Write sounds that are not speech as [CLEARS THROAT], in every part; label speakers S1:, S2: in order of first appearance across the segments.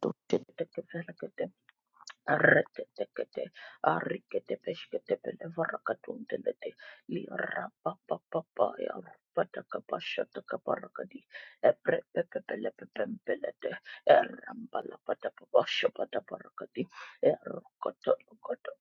S1: Thank you. Reketekete, arikete peshkete pele varakatundelete, li rapapapapaya, patakapashatakaparakadi, eprepepepelepepempelete, erambalapadapapashapataparakadi, erokotolokoto,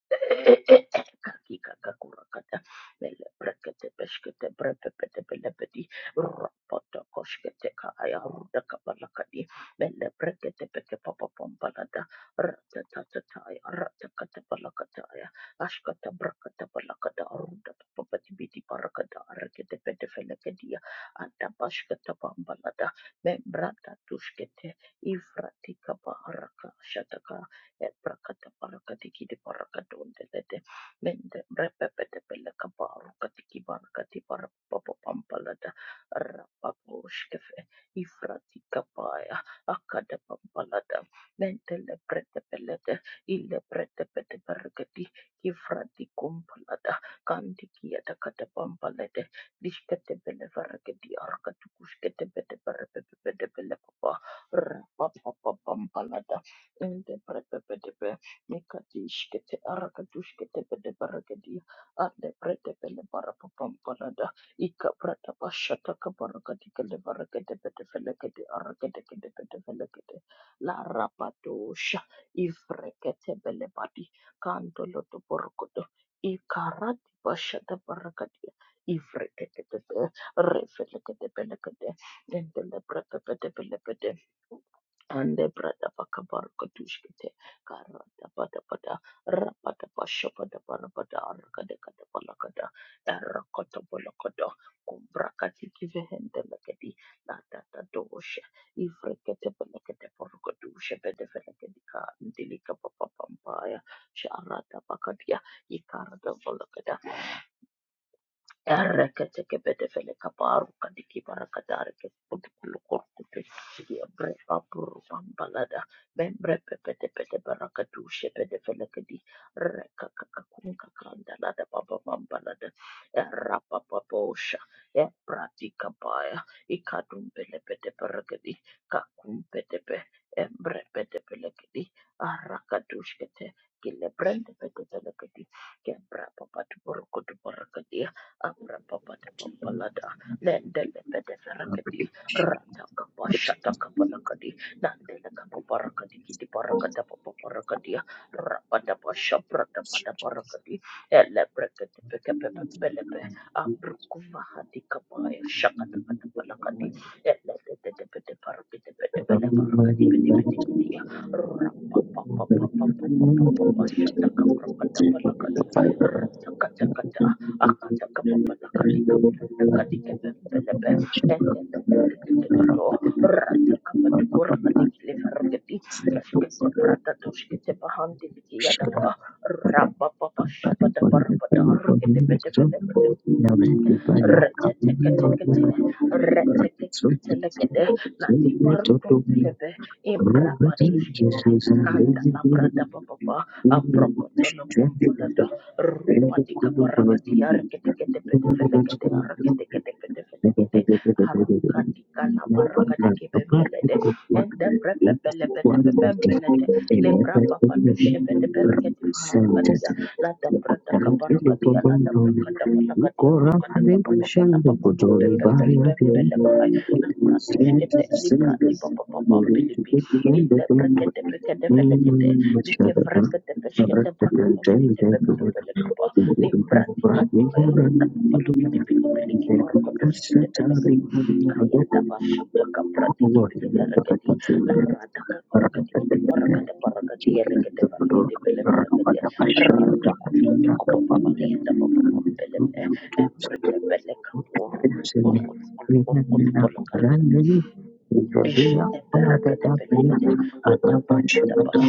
S1: kakikakakurakata, mele brekete peshkete brepepetepelepedi, rapotokoshkete kaya, rudakapalakadi, mele brekete peke papa pompala ratatatataya, ratakatabalakataya, ashkatabrakatabalakata, arundatapapatibiti parakata, arakatepetefelekedia, adabashkatapambalada, membratatushkete, ifratikaparaka, shataka, ebrakataparakatikidiparakadondelede, mende brepepetepelekaparukatikibarakatiparapapapambalada, rapaposhkefe, ifratikapaya, akadapambalada lentele brete pelete ile brete pete bergedi kifrati kumpalada kanti kiyata kata pampalete dişkete bele faragedi arka tukuşkete bete berpe pete bele papa rapa papa pampalada ente brete pete pe mekati işkete arka tuşkete bete bergedi ande brete bele para pampalada ikka brete başata kabarga dikele bergede pete felekede arka dekede pete felekede la rapatosha ifrekete belebadi kandolo to borkoto ikarati bashata barakatia ifrekete refrekete belekete dendele brakapete belekete ande brada pakabar katushkete karada pada pada rapada pasha pada pada pada arkade kada pala kada erra kota pala kada kumbra kati kivehende lakadi la tata dosh Ifrekete pelekete porukodu shebede felekedika ndilika papapampa ya sharada pakadia ikarada volokeda Erekete kebedevele kaparu kadiki barakadare ke putukulu korkupe sigi ebre papuru pambalada membre pepete pete barakadu shepede fele kedi reka kakakun kakanda lada papa pambalada erapa papa osha ebrati kapaya ikadum pele pete barakadi kakum pete pe embre pete pele kedi arakadushkete kile brende pete pele kedi kebra papa tu barakadu barakadi Abrapapadabampalada, Lendelebedeferekedi,
S2: Thank
S1: Ratakapashatakapalakadi, Nandelekabaparakadi, Kidiparakadapapaparakadi, Rapadabashabratapadabarakadi, Elebreketepekepepebelebe, Abrukuvahadikabaya, Shakatapatapalakadi, Eleteteteteteparaketepetebelebarakadi, Bidibidikidi, Rapapapapapapapapapapashatakamrakatapalakadi, Ratakatakata, Rabba
S2: you. Jesus
S1: Papa Shabada Parabada Rikede retetekete, retetekete, la dibarukum telebe, imbra batushkete, kanda la brada bababa, abrokotolo bompolado, rupatika barakati, arketekete petefelekete, arketekete
S2: Thank
S1: petefelekete, arukadika la barakati kebembelede, ende prepepele petepepembelede, le braba batushe peteperekete faharakadia, Lada brada kabarakadia, lada brakada balakadia, rukada kapapapala papapambebebembelekai, labratushkete, libra di papapapambilibi, ille brekete pekete felekete, like
S2: you.
S1: vrekete peskete brakatushkete bebebebelekapa, libra di papaya, ruda papatibitibitibili barakatushkete belekete, kaya dabashata kapratikibili verekedi, la rada kabarakadi kidi barakada barakadi elekete verekedi bele verekedi Rrrr,
S2: Thank you.
S1: Shut
S2: Judea, Father, that bring a rubber shield to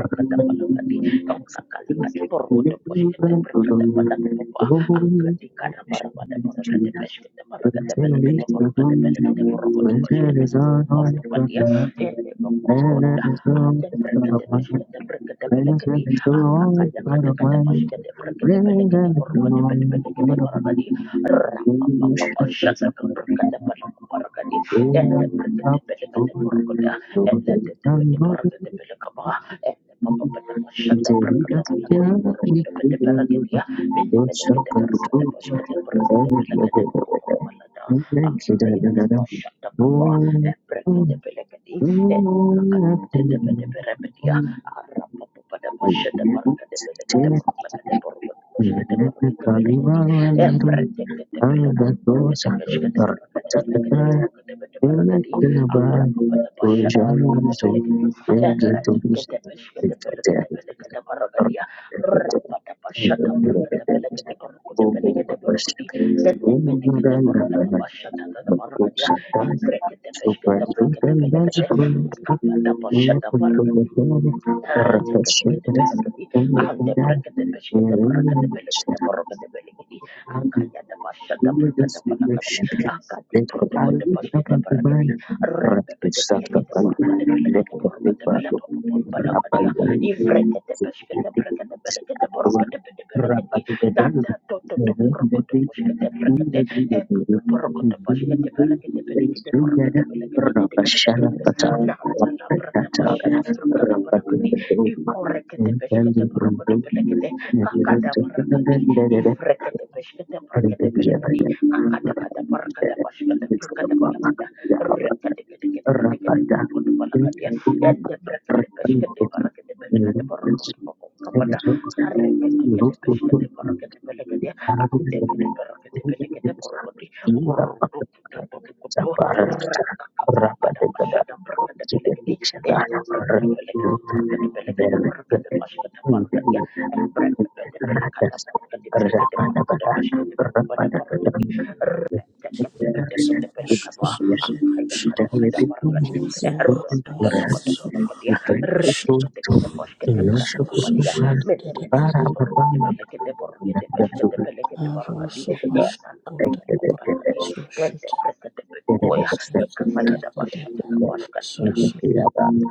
S2: the Thank you.
S1: up,
S2: Oh,
S1: Arapa pada pasca de the de the de the de the de pasca de barca de belega Shut
S2: Kalimarwandiro Agadosa Rakataya Ela kunaba ujamuzo wegetubuzi wekatera Obo babashikayo umuganda bakubsatana Super super
S1: up, Retekete-kete-belekedi, andebrekete-peshkete-brekete-belekete-borokete-belekedi,
S2: Thank you. We just
S1: akayadabashata-brekete-palakadi,
S2: worship you. Thank you. I lift up a
S1: akati-protokote-pashkete-brekete,
S2: banner. Ratu saka pan. Lift up the banner.
S1: repepete-belekete-borokete-belekete-borokete-belepapapampalakadi,
S2: Rapandan. Sikatwan.
S1: ivrekete-peshkete-brekete-belekete-borokete-belekedi,
S2: Rapatu bedena. Rendeti.
S1: dandatototo-borokete-peshkete-brekete,
S2: Sungada.
S1: epotoporokete-peshkete-belekete-belekete-borokete-belekete-kete-kete-kete-kete.
S2: Rapashara pata.
S1: Nanda la brada
S2: Rapatata.
S1: basha da braka da
S2: Rapatu
S1: balaka
S2: bedena.
S1: Ikorekete peshkete
S2: Rendeti.
S1: parokete pelekete.
S2: Rendeti.
S1: Kakada parakati.
S2: Rendeti. Rendeti.
S1: Ifrekete peshkete
S2: Thank
S1: parakete pelekete. Kakada kada parakada pashkete parakada palakada. Rekete kete kete kete kete parokete palakadiya. Ende brekete peshkete parakete pelekete parokete pakokapada. Arekete kete peshkete
S2: you.
S1: parakete
S2: Thank
S1: pelekete. Ande pete parakete pelekete parokete. Urrututututututu. Rakakapalakada pashada brakete pelekete. Ella prakata belekata borkata belekata borkata bashkata borkata ya. Brakata belekata borkata belekata borkata bashkata borkata borkata. Tekata tekata belekata
S3: Resources,
S1: akaya kata kata borkata. Rota tata kata belekata ya. Rekata kata bashkata berapa borkata ya.
S2: you.
S1: Mene mene
S2: Bara
S1: kata borkata
S2: kabana
S1: belekata borkata bashkata belekata borkata. Insan kata borkata ya. Ella prakata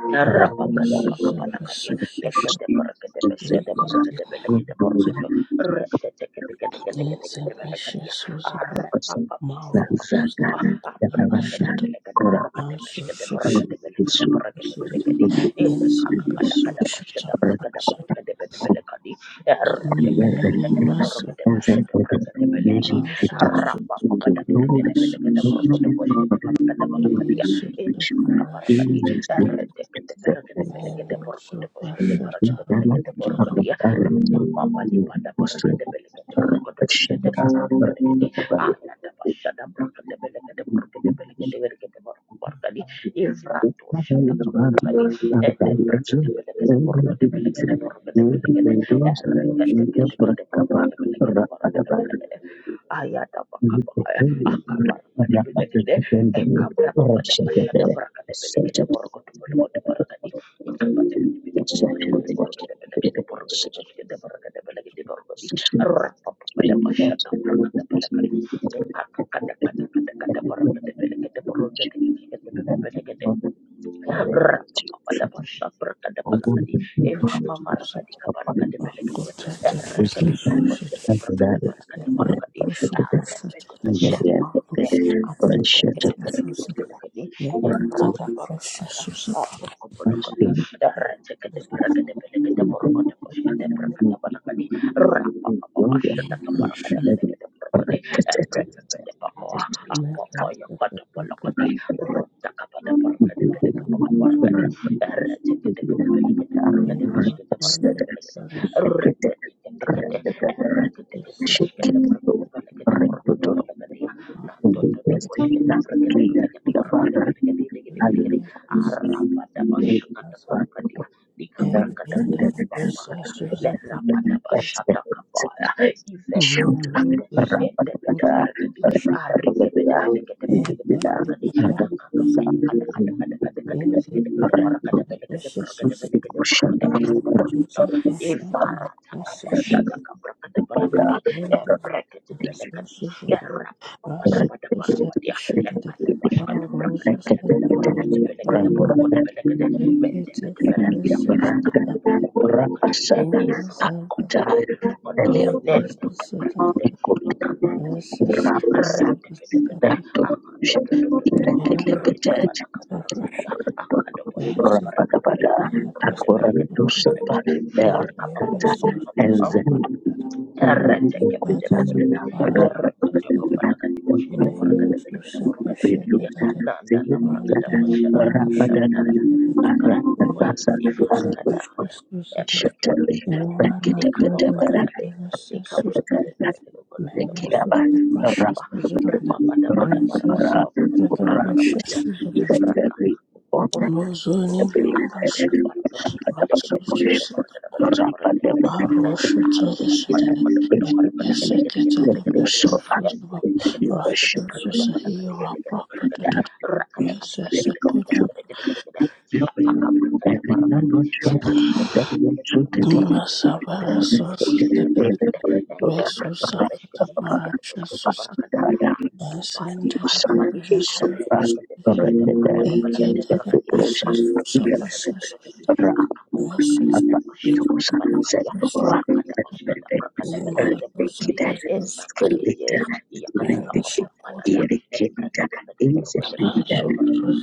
S1: Rapa papa, Rabakadabakabakadabadia, lekedebarakedebeshkedebarakedebelekedeborokoto, reteteketeketeketeketeketekelekadia, arapapapapapapa,
S3: Ensemble
S1: aprepepedebekedeborokedebeshkedeborokedebelekedeborokedebelekedi,
S2: Thank
S3: Social
S2: you.
S1: ilekakakadakadabashedaborokedeborokedebelekedi,
S2: And we are ready
S3: Mileni
S2: to make up
S3: maso
S2: and say
S3: kosha
S2: for the
S1: ereteketebedekedeborokedebeshkedeborokedebelekedi,
S2: nation to
S3: aso
S2: to
S3: suta aso suta
S1: arapapapadaberekedebelekedeborokodebeshkedeborokedebelekadia,
S3: Yesu tafarashi
S1: ilamakabarakedia,
S3: tata tata Melo supasha tara kota la kota
S1: Papa di pada berkata belakang
S2: are
S1: berkata berkata berkata belakang di ayat apa syada berkata belakang
S2: Thank
S1: berkata
S2: you.
S1: belakang di berkata berkata di
S2: Thank you.
S1: ifratu
S2: can
S1: syada
S2: go
S1: kepala kadi
S2: to
S1: ente berkata belakang berkata belakang berkata belakang di
S2: us
S1: erkata
S2: in the
S1: kata kata
S2: Prakapa
S1: berkata belakang berkata
S2: Rapatabar.
S1: belakang ayat apa
S2: You
S1: kabar
S2: can go to
S1: akabar
S2: the
S1: kadi belakang
S2: Rapatabar
S1: Ekabra papa da
S2: correction
S1: basha da
S2: there.
S1: baraka de bele ke
S2: Such
S1: de
S2: a
S1: boroko de bele ko de baraka di. Ikaba de bele bele ke de bele
S2: section
S1: ko
S2: of
S1: de boroko de bele ke de boroko de bele ke
S2: the
S1: de baraka de bele ke de boroko di.
S2: Thank
S1: Rapa papa da basha baraka de bele Ekaka kada kada kada kada baraka de bele boroko de bele ke de Rapapapadapasabrakatabakadi.
S3: supasha suta
S1: Emhavarakadi kabarakadebelekede.
S3: kota tafarashi suta
S1: Erakedekedeposhkedebrakatabakadabarakadi.
S3: Melo supasha tata Melo
S1: Arembedebeshedebelekede.
S3: supasha tara suta Melo tafarashi suta Melo
S1: Antebrekedebeshkedebelekede. Imbratabakaya. Aprokobolokodi.
S2: you.
S1: Erakedeberekedebelekedeborokodeboskedebrakatabakadi.
S3: supasha
S1: Rapapapapashedekabarakadebelekede borokode. Embrekede papoa.
S3: tara
S1: Apopoyokodebelekode.
S3: suta Thank
S2: Hallelujah. Kepada
S1: Ivekadunde, endebede faraketi, arike bede fede kete poskete barakadi, kakaknya kada kada kada kada kada kada kada kada para kada bele kada para kada bele kada para kada bele kada para kada ivara taka bashata kabra kada bala kadi ebrekete bele kadi
S3: you.
S1: erapa pada
S3: Rasu
S1: pada para
S3: said
S1: padia le
S3: Shilada
S1: kada basha kada para kada
S3: Arosu
S1: bele
S3: said
S1: kada
S3: the
S1: para kada bele kada
S3: crucified
S1: para kada bele kada mende
S3: Rekete
S1: kada
S3: the
S1: bele
S2: dengan
S1: kada
S2: yang
S3: Christos said
S2: berangkat
S1: akada
S3: the
S1: baku bala kadi
S2: rapasan
S1: ivro
S3: Urasa
S2: aku cahaya
S1: kopundu kada
S2: dari
S1: nende
S2: produk
S3: Arosu
S1: le
S3: said
S1: brekete
S2: ikut
S1: ikapanji biji
S3: Rasus said
S2: rapasan
S1: rende kada
S3: the
S2: dan tuh tidak
S1: kada
S3: Yeri
S2: terlihat
S3: the
S1: Rikabalakabarakadia,
S3: Russian
S1: Akadoboshida
S3: Rasis
S1: Baraka de
S2: Rabakabada,
S1: Belega de
S3: the
S1: Borga de
S3: Prestas
S1: Belega de
S2: Akwaranto
S1: Borga
S3: said
S1: de
S2: Sapa,
S1: Belega,
S3: Ingrid
S2: Bearkata,
S3: Bessos
S2: Enzen,
S3: said
S2: Nelikuta,
S3: Ibadas
S1: Errekekebelebelekedi,
S3: Paparas said
S1: errekekekebelekedi,
S3: Mayus
S1: boshketeborekebelekede, borekebelekedi,
S2: Beduta,
S3: said
S2: Zeyata,
S3: Mandala
S1: nandalabrakadabashada,
S3: Pasha
S2: Rabadana,
S1: borekebelekede, nakabubuwa,
S2: Arakatasa, and
S1: ivarakadaya,
S3: Susadat
S2: Shatali,
S1: ebrekebelekede,
S3: Murana
S2: Rakita,
S3: Gurdari
S1: nikabambalekede,
S3: Meresa Susadat
S1: nikavrekebelekede, borekede,
S3: Meresa
S1: borekede, borekede,
S3: Prasha
S1: ba-
S3: Susadat
S1: pada parapati,
S3: Meresa
S1: papapadapati,
S3: Prasha
S1: marapatia,
S3: Susadat
S1: ifrakakakuku, borukutukutukutu,
S3: Mozuni Nomasa
S1: akakakabarakadikidi,
S3: Prasha
S1: belekede, boshkede, borekede,
S3: Susadat
S1: belekede, borekede, belekede, borekede,
S3: Arosha Tada Susadat Yes, I get The Russia, Russia, here, Rapper, Masabara Sosa
S2: Orang
S3: Mesusa Katabara Jesus and the
S2: Sana
S3: Preparation
S2: isubra berenda dan
S3: get the
S2: dosa
S3: Presus
S1: Mande berapa
S2: dan
S3: Sapasas
S1: benda-benda kini
S2: berang
S1: kakakku kakak
S3: Presus
S1: lada
S2: apa
S1: masyarakat
S2: dosa saya
S1: balakadi
S2: orang
S1: rakada paskada
S2: berenda
S1: brakada belagada
S3: Imarusa
S1: borogodi
S2: kita
S3: Presus
S2: skill
S1: embrakadiye
S2: kita
S1: iya kata
S3: Mera
S2: berenda
S1: kapapambalada
S3: supported
S2: iri kita
S1: embrakada bada
S2: ini
S1: borogada
S2: sendiri dan
S1: paskada borogada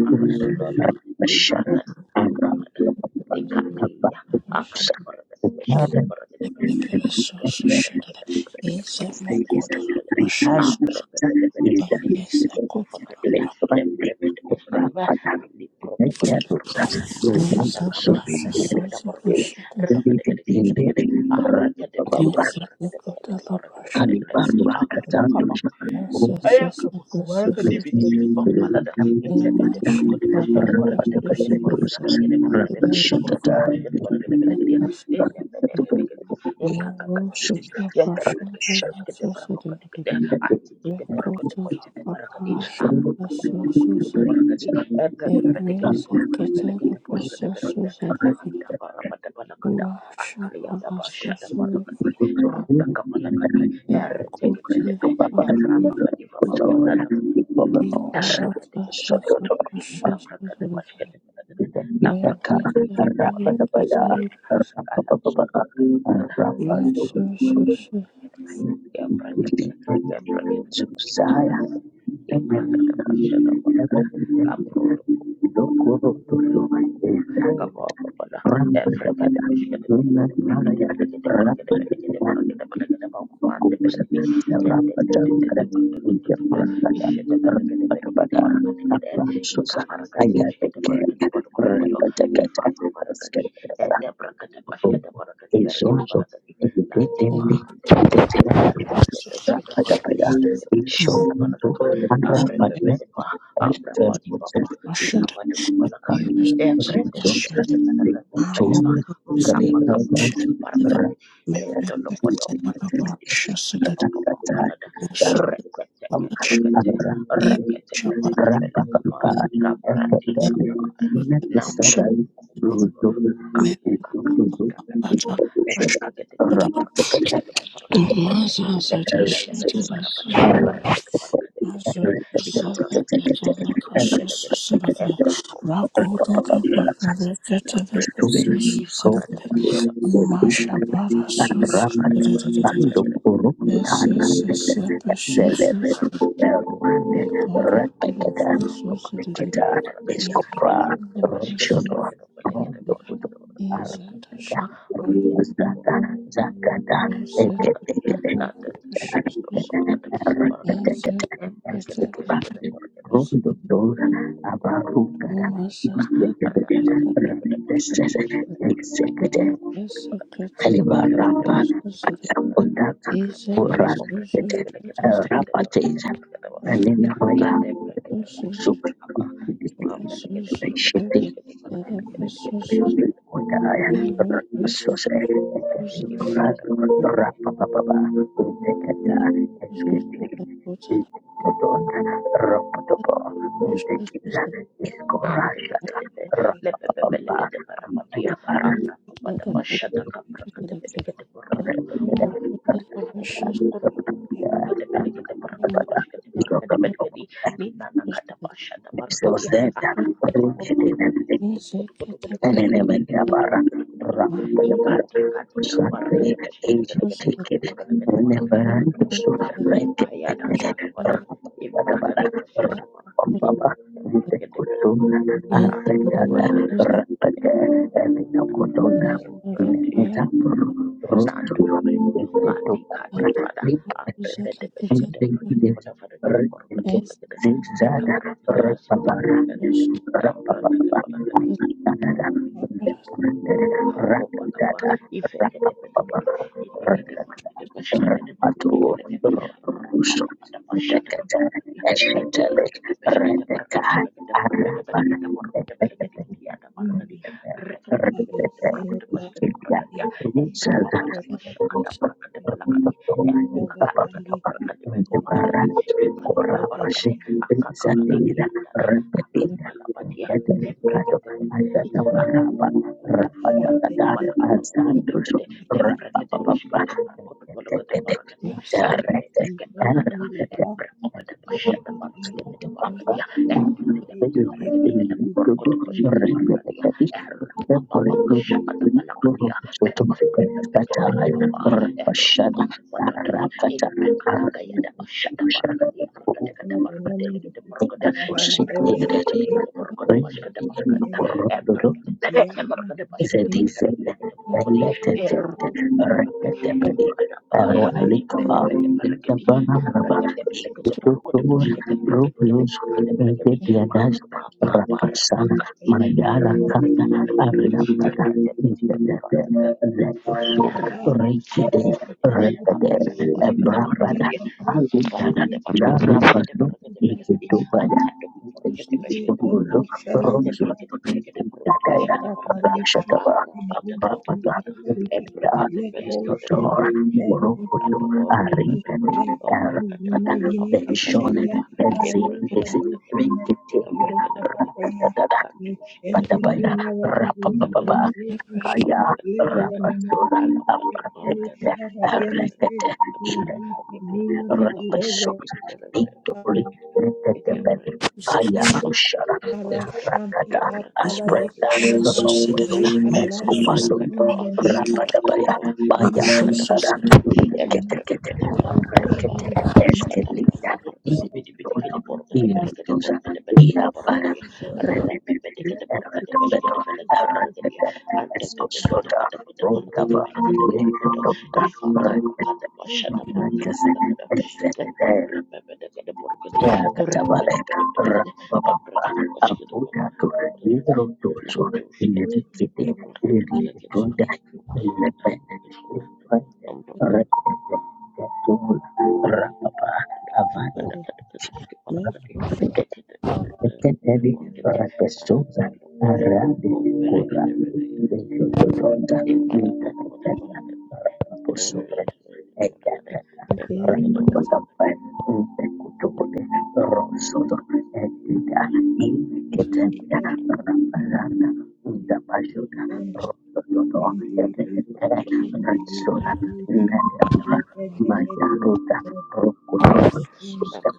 S2: kita
S1: andolodo
S2: masyarakat
S1: ivrakada
S2: Arab
S1: pambalada
S2: apa
S1: nikadiya
S3: Resources
S2: dosa
S1: akada borogada paskada
S2: kemarin
S1: borogada belagada borogada belagada
S3: shared
S1: borogada belagada
S3: is a
S1: borogada paskada belagada
S3: more
S2: Thank you. The
S1: abrakada
S2: place
S1: bada borogadi
S2: in
S3: Yes, I could
S1: ikufakadiya
S3: love.
S1: embrakada paskada ba ali protokada borogadi
S3: Yes,
S1: ashata
S3: I brush
S1: kabrakada
S3: the souls of the
S1: borogada
S3: shit. Yes,
S1: Rakadakadakadakadakada.
S2: the
S3: I could love. Russia. Yes,
S1: Arakadabashkadabarakadabalakadabarakadabalakada.
S2: room,
S3: yes,
S1: Aya
S3: yes, I brush the
S1: kabukubara
S3: souls of
S1: kadibi dibi dibi
S3: the
S1: di pampalada.
S3: in
S1: Ikebe
S3: my
S1: de buruku
S3: shop,
S1: de
S3: but
S1: poshke
S3: I
S1: de baraka
S3: brush
S1: de
S3: the
S1: belege de
S3: souls Yes,
S1: buruku de belege de buruku
S3: the
S1: de belege de
S3: ladies.
S1: buruku de
S3: I
S1: poshke de baraka de belege
S3: brush
S1: de.
S3: the souls
S1: Ene mene
S3: of
S1: mene kedi.
S3: the
S1: Ikaka
S3: narrow
S1: kadi
S3: souls
S1: kedi.
S3: of
S1: Yele
S3: passion.
S1: breke
S3: I
S1: de
S2: the
S1: poshke
S3: brush
S1: de
S3: the souls of
S1: baraka kadi
S3: the
S1: kedi.
S2: Thank
S1: Anti
S3: we
S1: kede
S3: could
S1: buruku de
S3: love.
S1: poshke de baraka di.
S3: Brush the
S1: Apru kuku kuku kuku
S3: souls
S1: kuku
S3: of
S1: baraka di.
S3: the
S1: Epe pepe de kede
S3: erase the
S1: buruku de
S3: kettle.
S1: belege
S3: I
S1: de buruku
S3: brush
S1: de
S3: the
S1: belege de.
S3: souls of the
S1: Nanda barapa de balakada. Akaya da basha da baraka
S3: Mashaparasusuruke
S1: di. Ruta kapalaka di. Ere teke pede Ezra
S3: kutiraparasusuruke
S1: Papa di Papa Falada, Terre Pete Kede Pede Kede, Nika Praka De
S3: iparasusuruke
S1: Bash Kede Pede Kede, La Praka De Bolo Kede Bolo Kede Bolo,
S3: meresusuruke
S1: Kala Bolo Kede Bolo Kede, Ambro Bolo
S2: you.
S3: mesusuruke
S1: Bolo Kede Be, Ya Praka De,
S2: Ketika
S1: Ya
S2: susah,
S1: Praka De Bolo Kede Bolo
S2: Susaya,
S1: Kede, Libra
S2: Emelika,
S1: Bash Kede Bolo Kede, Kapro
S2: Ebenezer,
S1: Do Kupo
S2: Dokoro Toso, Esa,
S1: Ika
S2: Rampadabana, Nuna Naya, Rampadabana, Kusa, Rampadabana, Kuya Prasada, Rampadabana, Apa susah, Susa, Ayateke, Rampadabana, Esketera, is also indicating the memory
S3: Mashada Mashada
S2: Rapadapaya is shown to Rapadne and Vermusen.
S1: pada kepala kadi
S2: Makari
S1: Evrende vele
S2: Vermusen,
S1: vede vede
S2: the
S1: vede vede
S3: Mashada
S1: va
S2: Kuchun, the
S3: Mashada Mashada
S1: vrapa kapa
S2: Nikravas,
S1: kapa kapa rakan lendo lo podo balam bidi bidi bidi ya papa balada
S2: Rapadne, Shar,
S1: rekete kete
S2: Rapadne,
S1: kete rekete kete kebele kapa
S2: Rapadne,
S1: kabradi kapa nambro
S3: Precious,
S2: Rapadne,
S1: kuku kaku kakak kika kakak eke kete kete para kete kete kete para kete bele bele lende bele bele para bele bele para bele para kete kete di kamera kete kete para kete bele bele Ebra Borogodo
S2: Thank you.
S1: Maragada La
S2: Rondo
S1: Prepepe Ifakada Pashada Paragada Baragada Baragada Kumaragada Baragada Baragada Baragada Kakak Kakak Kapari Kini Paragadia Ijak Kada Pashkada Paragada Baragada Baragada Baragada
S3: Mirrors,
S1: Baragada Lata Baragada Baragada Empresa de Pesca de Baragada
S2: Dora
S1: Baragada
S2: Abarugada Rakata, Alibaramba akapotaka kurazikete rapateza aninamaya sukuiti rishiti kudaya sose
S1: Ifa
S2: kurazo
S1: kada
S2: rapapapa utekata eskete Dodota, Ropotopo, Tequila,
S1: Ande
S2: Escorajata,
S1: lebede be
S4: Thank
S1: lebede be lebede barabadia abra pada bashata kapra kede bele kede borkudo borkudo borkudo borkudo borkudo kede bele kede borkudo bashkede borkudo bele kede ni nana kada bashada
S2: so
S1: borkudo
S2: sad,
S1: aku
S2: but we're
S1: kudu
S2: getting
S1: kudu kudu
S2: everything.
S1: kudu kudu kudu kudu kudu kudu kudu kudu kudu kudu kudu
S2: Elenementabara,
S1: kudu kudu kudu kudu
S2: Rakutabara,
S1: ikati kati kapar
S2: Sunday,
S1: kede bashkede
S2: Asian
S1: bele kede
S2: ticket,
S1: borkudo bele kede borkudo bele kede
S2: Nebarandusu,
S1: borkudo kaya dan
S2: Rekendekede,
S1: tanabada imbra
S2: Rakutabara,
S1: kada bashada
S2: Rakambaba, Ntekusuna,
S1: Gebregede-belegede.
S3: Yes,
S1: Aku
S2: Asekala,
S3: namely
S1: balada.
S3: those of
S2: Rakade,
S1: Ejole. Dua.
S2: Elinokotona,
S3: Masada
S1: Imbratish.
S3: Para
S2: Nezapuru,
S3: Pasta
S2: Rusu,
S1: Nantu tutu. Kadi kadi
S2: Ntetukura,
S1: bada.
S2: Lipa,
S1: Aprebede
S3: Zalakazet
S1: beshkede bregede
S2: Denkidez,
S1: bada faregede borgede
S2: Rekidez,
S3: as
S1: belegede.
S3: the
S1: Mika
S2: Zigzada,
S1: bregede
S3: person
S1: askede
S2: Rapapara,
S1: borgede. Dan
S2: Rapapapa,
S1: bregede
S3: that
S2: Rakadada,
S1: belegede.
S2: Depurende,
S1: Kopatapa,
S2: Rakadada,
S1: Ifekete
S2: Rapapapa,
S1: Pedapedi, Ifekete
S2: Rakadada,
S1: Parapete Peshkate
S2: Rapatu,
S1: Markati,
S2: Rokuso,
S1: Rapapa Shatan
S2: Dekata,
S1: Markadia, and the Brakete
S2: Eshatelic,
S1: Peshkate
S2: Rapa
S1: Parkate Belekate Borkate Belekate Borkate
S4: you.
S1: Belekate Kidiata Markati, Rekate Belekate Borkate Peshkate Markadia, and Brapapa
S3: Parasite is
S1: Shakata Brakate Balakati, and Kakakate Brakate Beko Markati, Ikanika Barakate, Akakakakadi and Akamalapatia, Lembrekate Belekate, Thank
S2: Thank
S3: the
S1: you.
S2: you. Is a Isidisele,
S3: Masako
S2: Elected, Rectability,
S4: Thank
S2: Aero Alicaba, Banababa, Institutur, Rubius,
S3: Mary
S2: Getiadas,
S1: Papa, para
S2: Rapasana,
S1: pakati,
S2: Mariala Kanda, Arinambata, Intendete, Letusu, Rikide, Repede, Abra. Bada kazi dada lara paso ikitu bada ikitu kumbulu romso dagaya abrakshakaba abrapala ya estoto
S4: you.
S2: morokoyo
S4: Thank
S2: arintene erpata benshone benzi isi rikitele rakatata
S1: Every
S2: patabaya rapapapa
S1: Dabalagadi,
S2: Kaya
S1: Kamalagadi, Balagada,
S2: Rabatura
S1: Kalapada,
S2: Abratekete
S1: Balagada,
S2: Rekete
S1: Kamana, Nipra,
S2: Ilekete
S1: Pavati, Kamalagadi,
S2: Repesota
S1: Gidi, Balagada,
S2: Victory Rekete
S1: Kamana,
S2: Kaya
S1: Mandala,
S2: Rushara
S1: Parvata,
S2: Rakata
S1: Kimbragada,
S2: Aspreta Rokoto Escopado
S1: Ibrakadaba,
S2: Rabatabaya
S1: Ibrakadaba,
S2: Baya
S1: Ibrakadaba,
S2: Mutara
S1: Nakada, Ella
S2: Lekete Kete
S1: Brabada Bella
S2: Rekete
S1: Bombaya, Shkata
S2: Eskelita
S1: Branda Parka, the Bidibidika,
S2: Ibutono
S1: the Borga, the Beleka, the
S2: Iantosa
S1: Borga, the Beleka, the
S2: Iabara
S1: Borgadia, Rapapataka, the Borga, the Beshka, the Beleka, the Borgadia, and the Pata
S2: Escoshota,
S1: Pata Pata Parka, the
S2: Rodava,
S1: Beleka, the
S4: you.
S1: Borgado, Ifaka, the
S4: Move
S1: Bashata Parka, the Beleka, and the Brabada, the Borgadi,
S2: Doctor,
S1: Rapatapataka, the
S2: Rapapa,
S1: Braka, the Bashka, লাতুষ কেটে এপার কেটে বলে কেটে ওখানে আমরা তাম্বালতুষ কানাও আজাতাতাতাতে কিভাবে পালাবারি
S2: Avando,
S1: দেখিতে পুরো একটা
S2: Keteli
S1: মনে করি আর
S2: Rakesuza
S1: দলবদ্ধ
S2: Aradi
S1: কোম্পানির
S2: Kura
S1: কেটে মেনে
S2: Yototonda
S1: নিম্বালামালামাটের
S2: Ntakatata
S1: বন্ধনের এমন
S2: Raposura
S1: একটা কাজে
S2: Ekatata
S1: এপার কেটে ওখানে
S2: Ramakapapa Ntakutokode
S1: আলো
S2: Rosodo Ekita
S1: পাতা
S2: Iketenda
S1: পাতা
S2: Raparana Ndapashuda Rosodo Ekatata
S1: লাতিকুবুল
S2: Natsura
S1: পাতা
S2: Nayambra Majaruta Rokotopo
S1: Sada
S2: Thank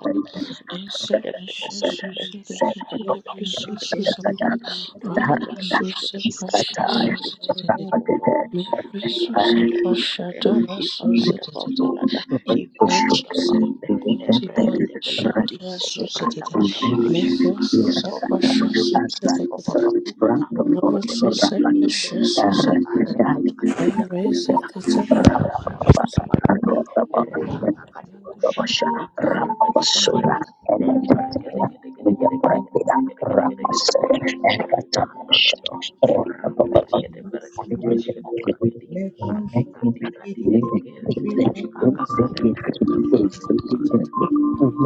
S3: Susan Pasha Dara Susan Impuzu z'ubwoko bw'amashati
S2: you.
S3: zose,
S2: Rapasura,
S3: impuzu z'amashati zose, impuzu z'amashati zose, impuzu z'amashati
S1: berada pada para kadi, reka kakadu, Ika berakade berakade dan berakade gede gede gede gede gede gede gede gede gede gede gede gede gede nahan dolo do, orang bela
S2: and
S1: gede berakade bas gede berakade kadi kadi kadi gede gede gede Kakak kada kada kada berakade berakade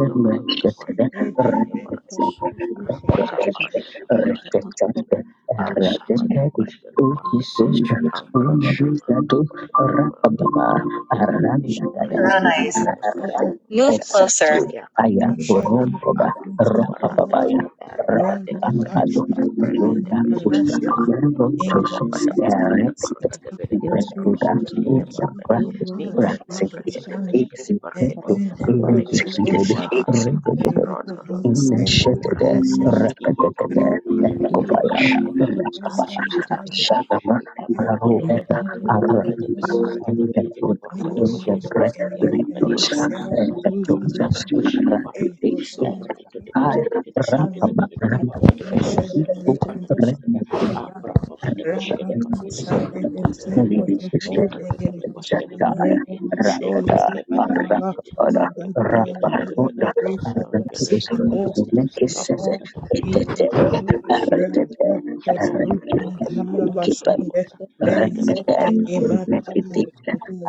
S1: nomor Namanaga Margada Bashida Margada Rapakada Bashida Margada Margada Arapada Bashida Margadi
S3: Iseshuta
S1: Ambrakada
S3: prasha
S1: Margada Bashida Margadi Imbrakada Margada
S3: Ushut
S1: Bashida Margada
S4: closer.
S2: Exactly. I
S1: Ayakada
S2: am
S4: Russia
S1: Baya
S2: Boromboda,
S4: Constitution
S1: Aduku Barada
S2: Rompababaya, Ramp.
S4: Roman
S1: Erekada
S2: An
S3: Magnus
S1: Kebe
S4: Catholic
S2: adonan
S1: Ambrakada
S4: Academy
S2: yang kusda
S1: Bashida
S4: Russia
S2: memang
S1: Margada
S2: cocok
S4: endorses
S1: Abrapada Margada
S2: sebagai titik
S1: Margada
S4: to
S1: Belegada
S2: titik
S4: institute
S3: Resus
S1: Margada
S2: rendah
S1: Bashida
S4: Foundation
S2: sujangan
S1: Margadi
S2: segera
S3: Eramas
S1: Nindela
S2: sedikit
S3: Resus
S1: Brakada Bashida
S2: eksit
S4: and
S1: Margadi
S2: itu
S4: then the
S2: identik
S4: right
S1: Abrekebete
S2: dengan
S4: social
S1: baya.
S2: rendahnya
S4: Kailato
S1: Ibrondolodo.
S4: Monastery
S2: innershade
S1: Umbrakadi.
S3: Resus
S1: Iyekete.
S4: and
S2: rafatadana
S1: Elekete
S2: nukobaya
S1: berekedi.
S2: nukapara
S1: Karati kabarakadi.
S2: shadama
S1: Ikapombolodo.
S2: arumanara
S1: Indepete pete
S2: arinapa
S1: barakete
S2: yang
S1: pelekete borokode
S2: beruntung dan
S1: poshkete
S2: berani
S1: barakadi
S2: beri
S1: abarakadi.
S2: dosa
S3: Masses
S2: dan
S1: Akadakakakada bashata
S2: jombasulana
S1: barakadi.
S2: titik
S4: Ocean
S1: Erekete kete
S2: air
S1: kete kete
S4: Shana
S1: barakete
S2: teramat
S1: belekete
S2: ram.
S3: Thank
S1: borokode
S4: Madhu
S1: poshkete berekete
S4: Shakti
S2: Rakapa,
S1: barakete barakada.
S4: Rakaka
S1: Aprapapate poshkete barakete
S4: Shante
S1: belekete borokode
S4: Dese
S1: belekete.
S4: Kosoto Begere
S1: Dikakakate poshkete
S4: Yeko
S1: barakadi.
S4: Sholi
S1: Dembre pepe
S4: Paralama
S1: tepe
S4: Mada
S1: yang berkata pada
S4: Dada Rika
S1: Kata orang kata kata pada
S4: Sekakos
S1: kata
S4: Meko
S1: makna kata kata kata
S4: Patika
S1: orang kata pada kata
S4: Rakaka Desu
S1: over
S4: Kantara
S1: kata
S4: Bashunde
S1: pada tidak
S4: Leize
S1: pada pada
S4: Ekimata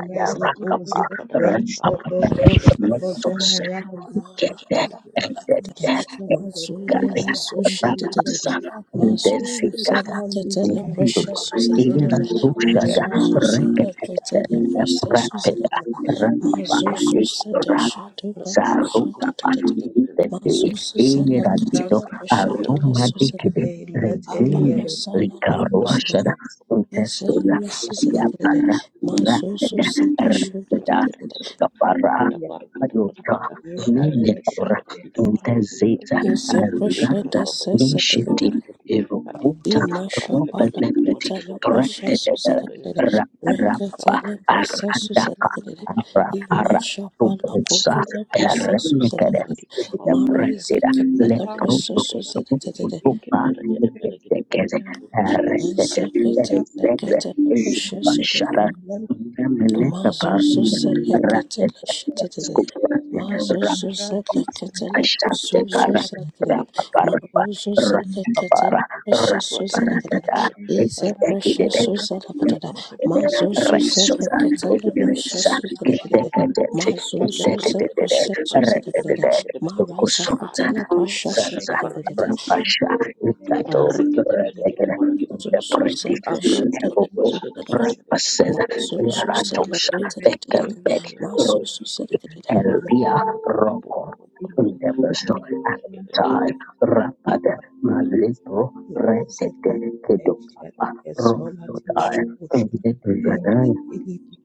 S4: Leze Kuzi
S1: pada
S2: run up
S1: pada
S4: Rashoko
S2: and
S1: pada pati
S3: you.
S1: pada pada kata
S4: Tosho
S2: Get that and get
S4: Shaka
S2: that
S4: liba liba
S3: Mazule
S2: Karya
S4: basa
S3: miso
S4: kondo
S2: beberapa pendekah
S4: liba
S3: shadadadada.
S4: liba.
S3: Mazuzu
S4: Uzi kawali
S3: zeleketele
S4: tina
S2: untuk
S4: liba
S3: precious
S1: pada
S2: ini
S4: bozo na
S3: suzelekadada.
S1: pada
S4: zoni
S1: eh
S4: beka.
S2: ratusan
S3: Mazuzu
S2: rakyat kota
S3: zeleketele
S2: yang
S3: precious
S2: berada di sekitar sumber
S3: suzelekadada.
S2: keamanan
S4: Elia eka
S3: Mazuzu
S2: ini
S3: zede
S2: adalah
S3: shadula
S1: kata kata kata kata orang kata kata
S3: shadadadada.
S1: kata
S3: Mazuzu zeleketele
S4: kaka
S3: precious
S4: kaka.
S1: kalau
S2: aroma
S1: orang kata
S2: dari
S3: suzelekadada.
S4: Elia elia
S3: Abara
S2: tradisi
S4: le.
S1: eh
S3: sana
S2: lokal
S3: rafu
S4: Elia
S2: warga
S3: zelekadada.
S4: basa
S2: untuk sudah
S3: Ezelimi
S2: siap
S4: kondo.
S3: suzelekadada.
S2: para petugas
S3: Mazuzu
S4: Elia
S3: zede
S4: elia.
S1: pada
S3: shadadadada.
S1: pada kata
S2: para
S1: pada kata pada
S2: ajudan
S1: kata dari
S4: Elia
S1: kata kata
S4: esho
S2: militer.
S1: pada
S4: te
S1: kata
S4: liba.
S1: orang kata
S2: Ntezeza
S1: kata
S3: Yes,
S1: Libra
S2: Aranda
S3: precious
S1: Baba Dios kita te
S2: Neshiti
S3: suzelekadada.
S1: para que te Libra
S2: Irukuta
S1: te
S3: Imashapala
S1: para
S2: Robelepeti
S1: kadi
S3: kutala
S1: te pide
S3: prasha
S1: que para que te pide que
S2: Brededere
S1: capara
S3: suzelekelele.
S2: Raparapa
S3: Reketele
S1: que
S3: prasa
S4: Liba basa kondo
S2: Aradaka
S1: para
S3: suzelekelele.
S4: kaka
S2: Rapara
S3: Imashapala
S2: Tubusa
S3: kutala prasa
S2: Perenekere
S1: la
S3: suzelekelele.
S1: tica bamba ya
S3: Marize
S2: Bredida
S1: y para
S3: ketele
S1: que te
S3: prasa
S2: Leprutu
S1: que te para que te
S3: suzelekelele.
S1: y que
S2: Tuba
S1: para que te pide que te pide
S2: Eketekeze
S1: que
S2: Eredete
S3: Ense
S4: ya.
S3: ketele
S2: Ezeze
S3: ketele prasha
S2: Bashara
S3: suzelekelele.
S4: Let
S2: Nameleta
S3: Mazuzu
S2: Barina
S3: zeleketele
S2: Radete
S3: shetelele.
S2: Skupate
S4: Rang and
S3: Mazuzu
S4: Radis
S3: zeleketele
S2: Ashante
S3: posuzu
S2: kara
S4: Parado
S3: zeleketele.
S2: rapa
S4: Son
S2: karpa
S3: Maruzu
S4: Legacy Pali
S2: rapa
S3: zeleketele
S2: para rapa
S3: preciousu
S1: para
S2: para
S1: para
S3: zeleketele.
S2: tada
S3: Ize
S1: para para para para
S2: ekite
S4: Dog
S2: kide
S3: preciousu
S1: para para para
S3: zeleketele.
S1: para para que te pide
S3: Mazuzu
S1: kadi
S2: Resusa,
S1: te
S3: zeleketele
S1: kita
S2: ignorance,
S1: para
S3: preciousu
S1: kadi, te
S2: kete
S3: zeleketele.
S1: para
S2: kete,
S1: que te la
S3: Mazuzu
S1: para
S2: kete
S3: ze
S1: que te pide
S2: kete
S3: preciousu
S2: kete,
S1: para
S2: re
S1: kadi
S2: kete
S1: te
S3: zeleketele.
S1: para que te pide
S2: kete, kusuta,
S3: Marazakatele preciousu
S2: zaza,
S1: para que
S3: zeleketele.
S2: rapasha, ikato, re kete kete,
S3: Soso
S1: Erekete-berekete-porekete-berekete.
S3: se
S2: preti,
S3: prosciutto e
S2: levoko,
S3: zucchero,
S1: Apropopoteposhete-porekete.
S3: ma
S2: rapaseza,
S3: soso se le
S2: yaratosa,
S1: Elebroondalogado.
S4: Ranganati
S3: cotolette,
S2: bekembedi,
S3: ma
S2: ro,
S1: Emragadawana.
S3: soso se le cotolette,
S2: elia, roko
S1: Apopopopododo.
S2: Independent
S4: Parado Over
S1: Kumbragadawana.
S2: Child Rapid Malipo Rented
S4: Udosekhe
S2: Kidopapa
S4: esheleke
S2: Rosso
S4: solati kapushka lenga
S2: Die
S4: elibi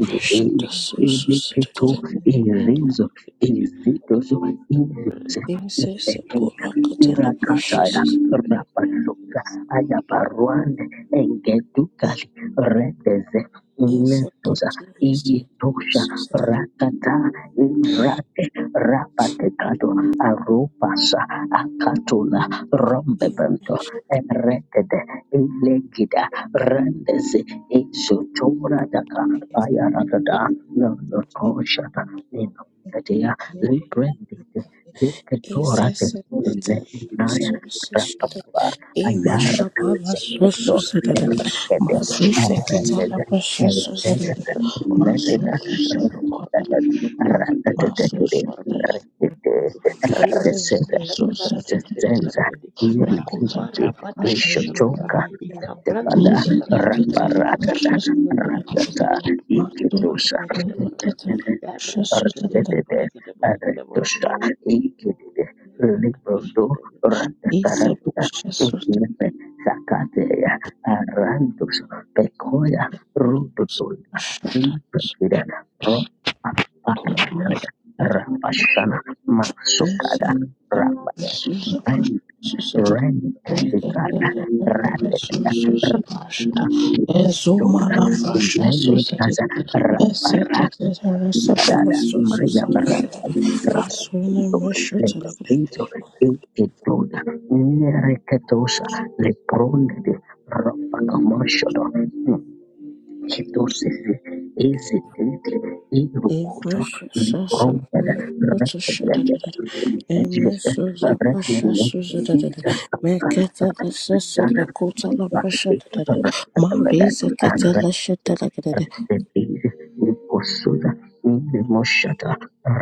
S3: prosciutto soso se le
S2: Eneketo,
S3: cotolette,
S2: Erezo, Ezidozo, Izoza,
S3: in se se
S2: Imeteta,
S3: porra cotella
S2: Irakataya,
S3: prosciutto,
S2: Rapaluka,
S1: Apatipitipi.
S2: Ayaparuande, Engedukali, Reteze,
S3: in se
S2: Netoza,
S3: cotolette,
S2: Ietosha,
S3: soso se
S2: Rakata, Irate, Rapatekado, Arupasa, Akatula, Rombebento,
S3: le
S2: Erekede, Ilegida, Rendeze, Isotora da. Ishotora daka bayarada nolokoshata ninokatea librendite zeketora
S3: Isesesete
S2: tekule naya
S3: resuscitate.
S2: rapapa ayarata
S3: Imashapala
S2: zeketo
S3: resuscitate.
S2: erekete
S3: Masusekitala
S2: erekete
S3: resuscitate.
S1: Rabakabada Bashakada
S2: erekete
S3: Masususekotala.
S1: Barakadi,
S2: erekete
S1: Eprakida Peleka
S2: Ratatatakere,
S3: Masususekotala.
S1: Barakadi,
S2: ratete,
S1: Gurdu,
S2: ratesere,
S1: Urepete Felevarakadi, Pete
S3: Masususekotala.
S2: esesenza,
S1: Barakadi,
S2: iri,
S1: Adi
S3: Rekutata
S2: iri,
S1: Barabada Bashakata,
S3: resuscitate.
S2: reshotoka,
S1: Ikabrande
S2: Tepala
S1: Pete Barakadi,
S3: Nizelekitala
S1: Pelekade,
S2: Rambarata
S1: Nemene Pete
S2: Ratata
S3: resuscitate.
S1: Burkutu Pulukutu
S2: Iketusa
S4: Thank
S1: Barakadi, Ada
S4: you.
S1: Barakadi,
S3: Masususekotala
S1: Yara Tekete
S3: resuscitate.
S1: Pete
S2: Artetete
S1: Barakadi, Barakadi,
S2: Aretusa
S1: Barakadi,
S2: Ikitide Libondo
S1: Bashakada,
S3: Ise
S2: Ratatarata
S3: resuscitate.
S2: Umepe Sakateya Arantus Pekoya Rututuna Lipetida Roma Arakada
S3: Thank
S2: Rapashana Masukada Rabade Rendikandikana, Randikana, Randikana, Dosa, Levikasa, Rapara, Kada, Maria Barata,
S3: you.
S2: Striso, Ikituna, Nereketosa, Lepronde, Rapa Commercial, Kidosisi ezetete erokoto likongela rekebele ejete rebele ujaka rakatana bakte rakatabada
S3: Maria
S2: arrebebele likosuda inde moshata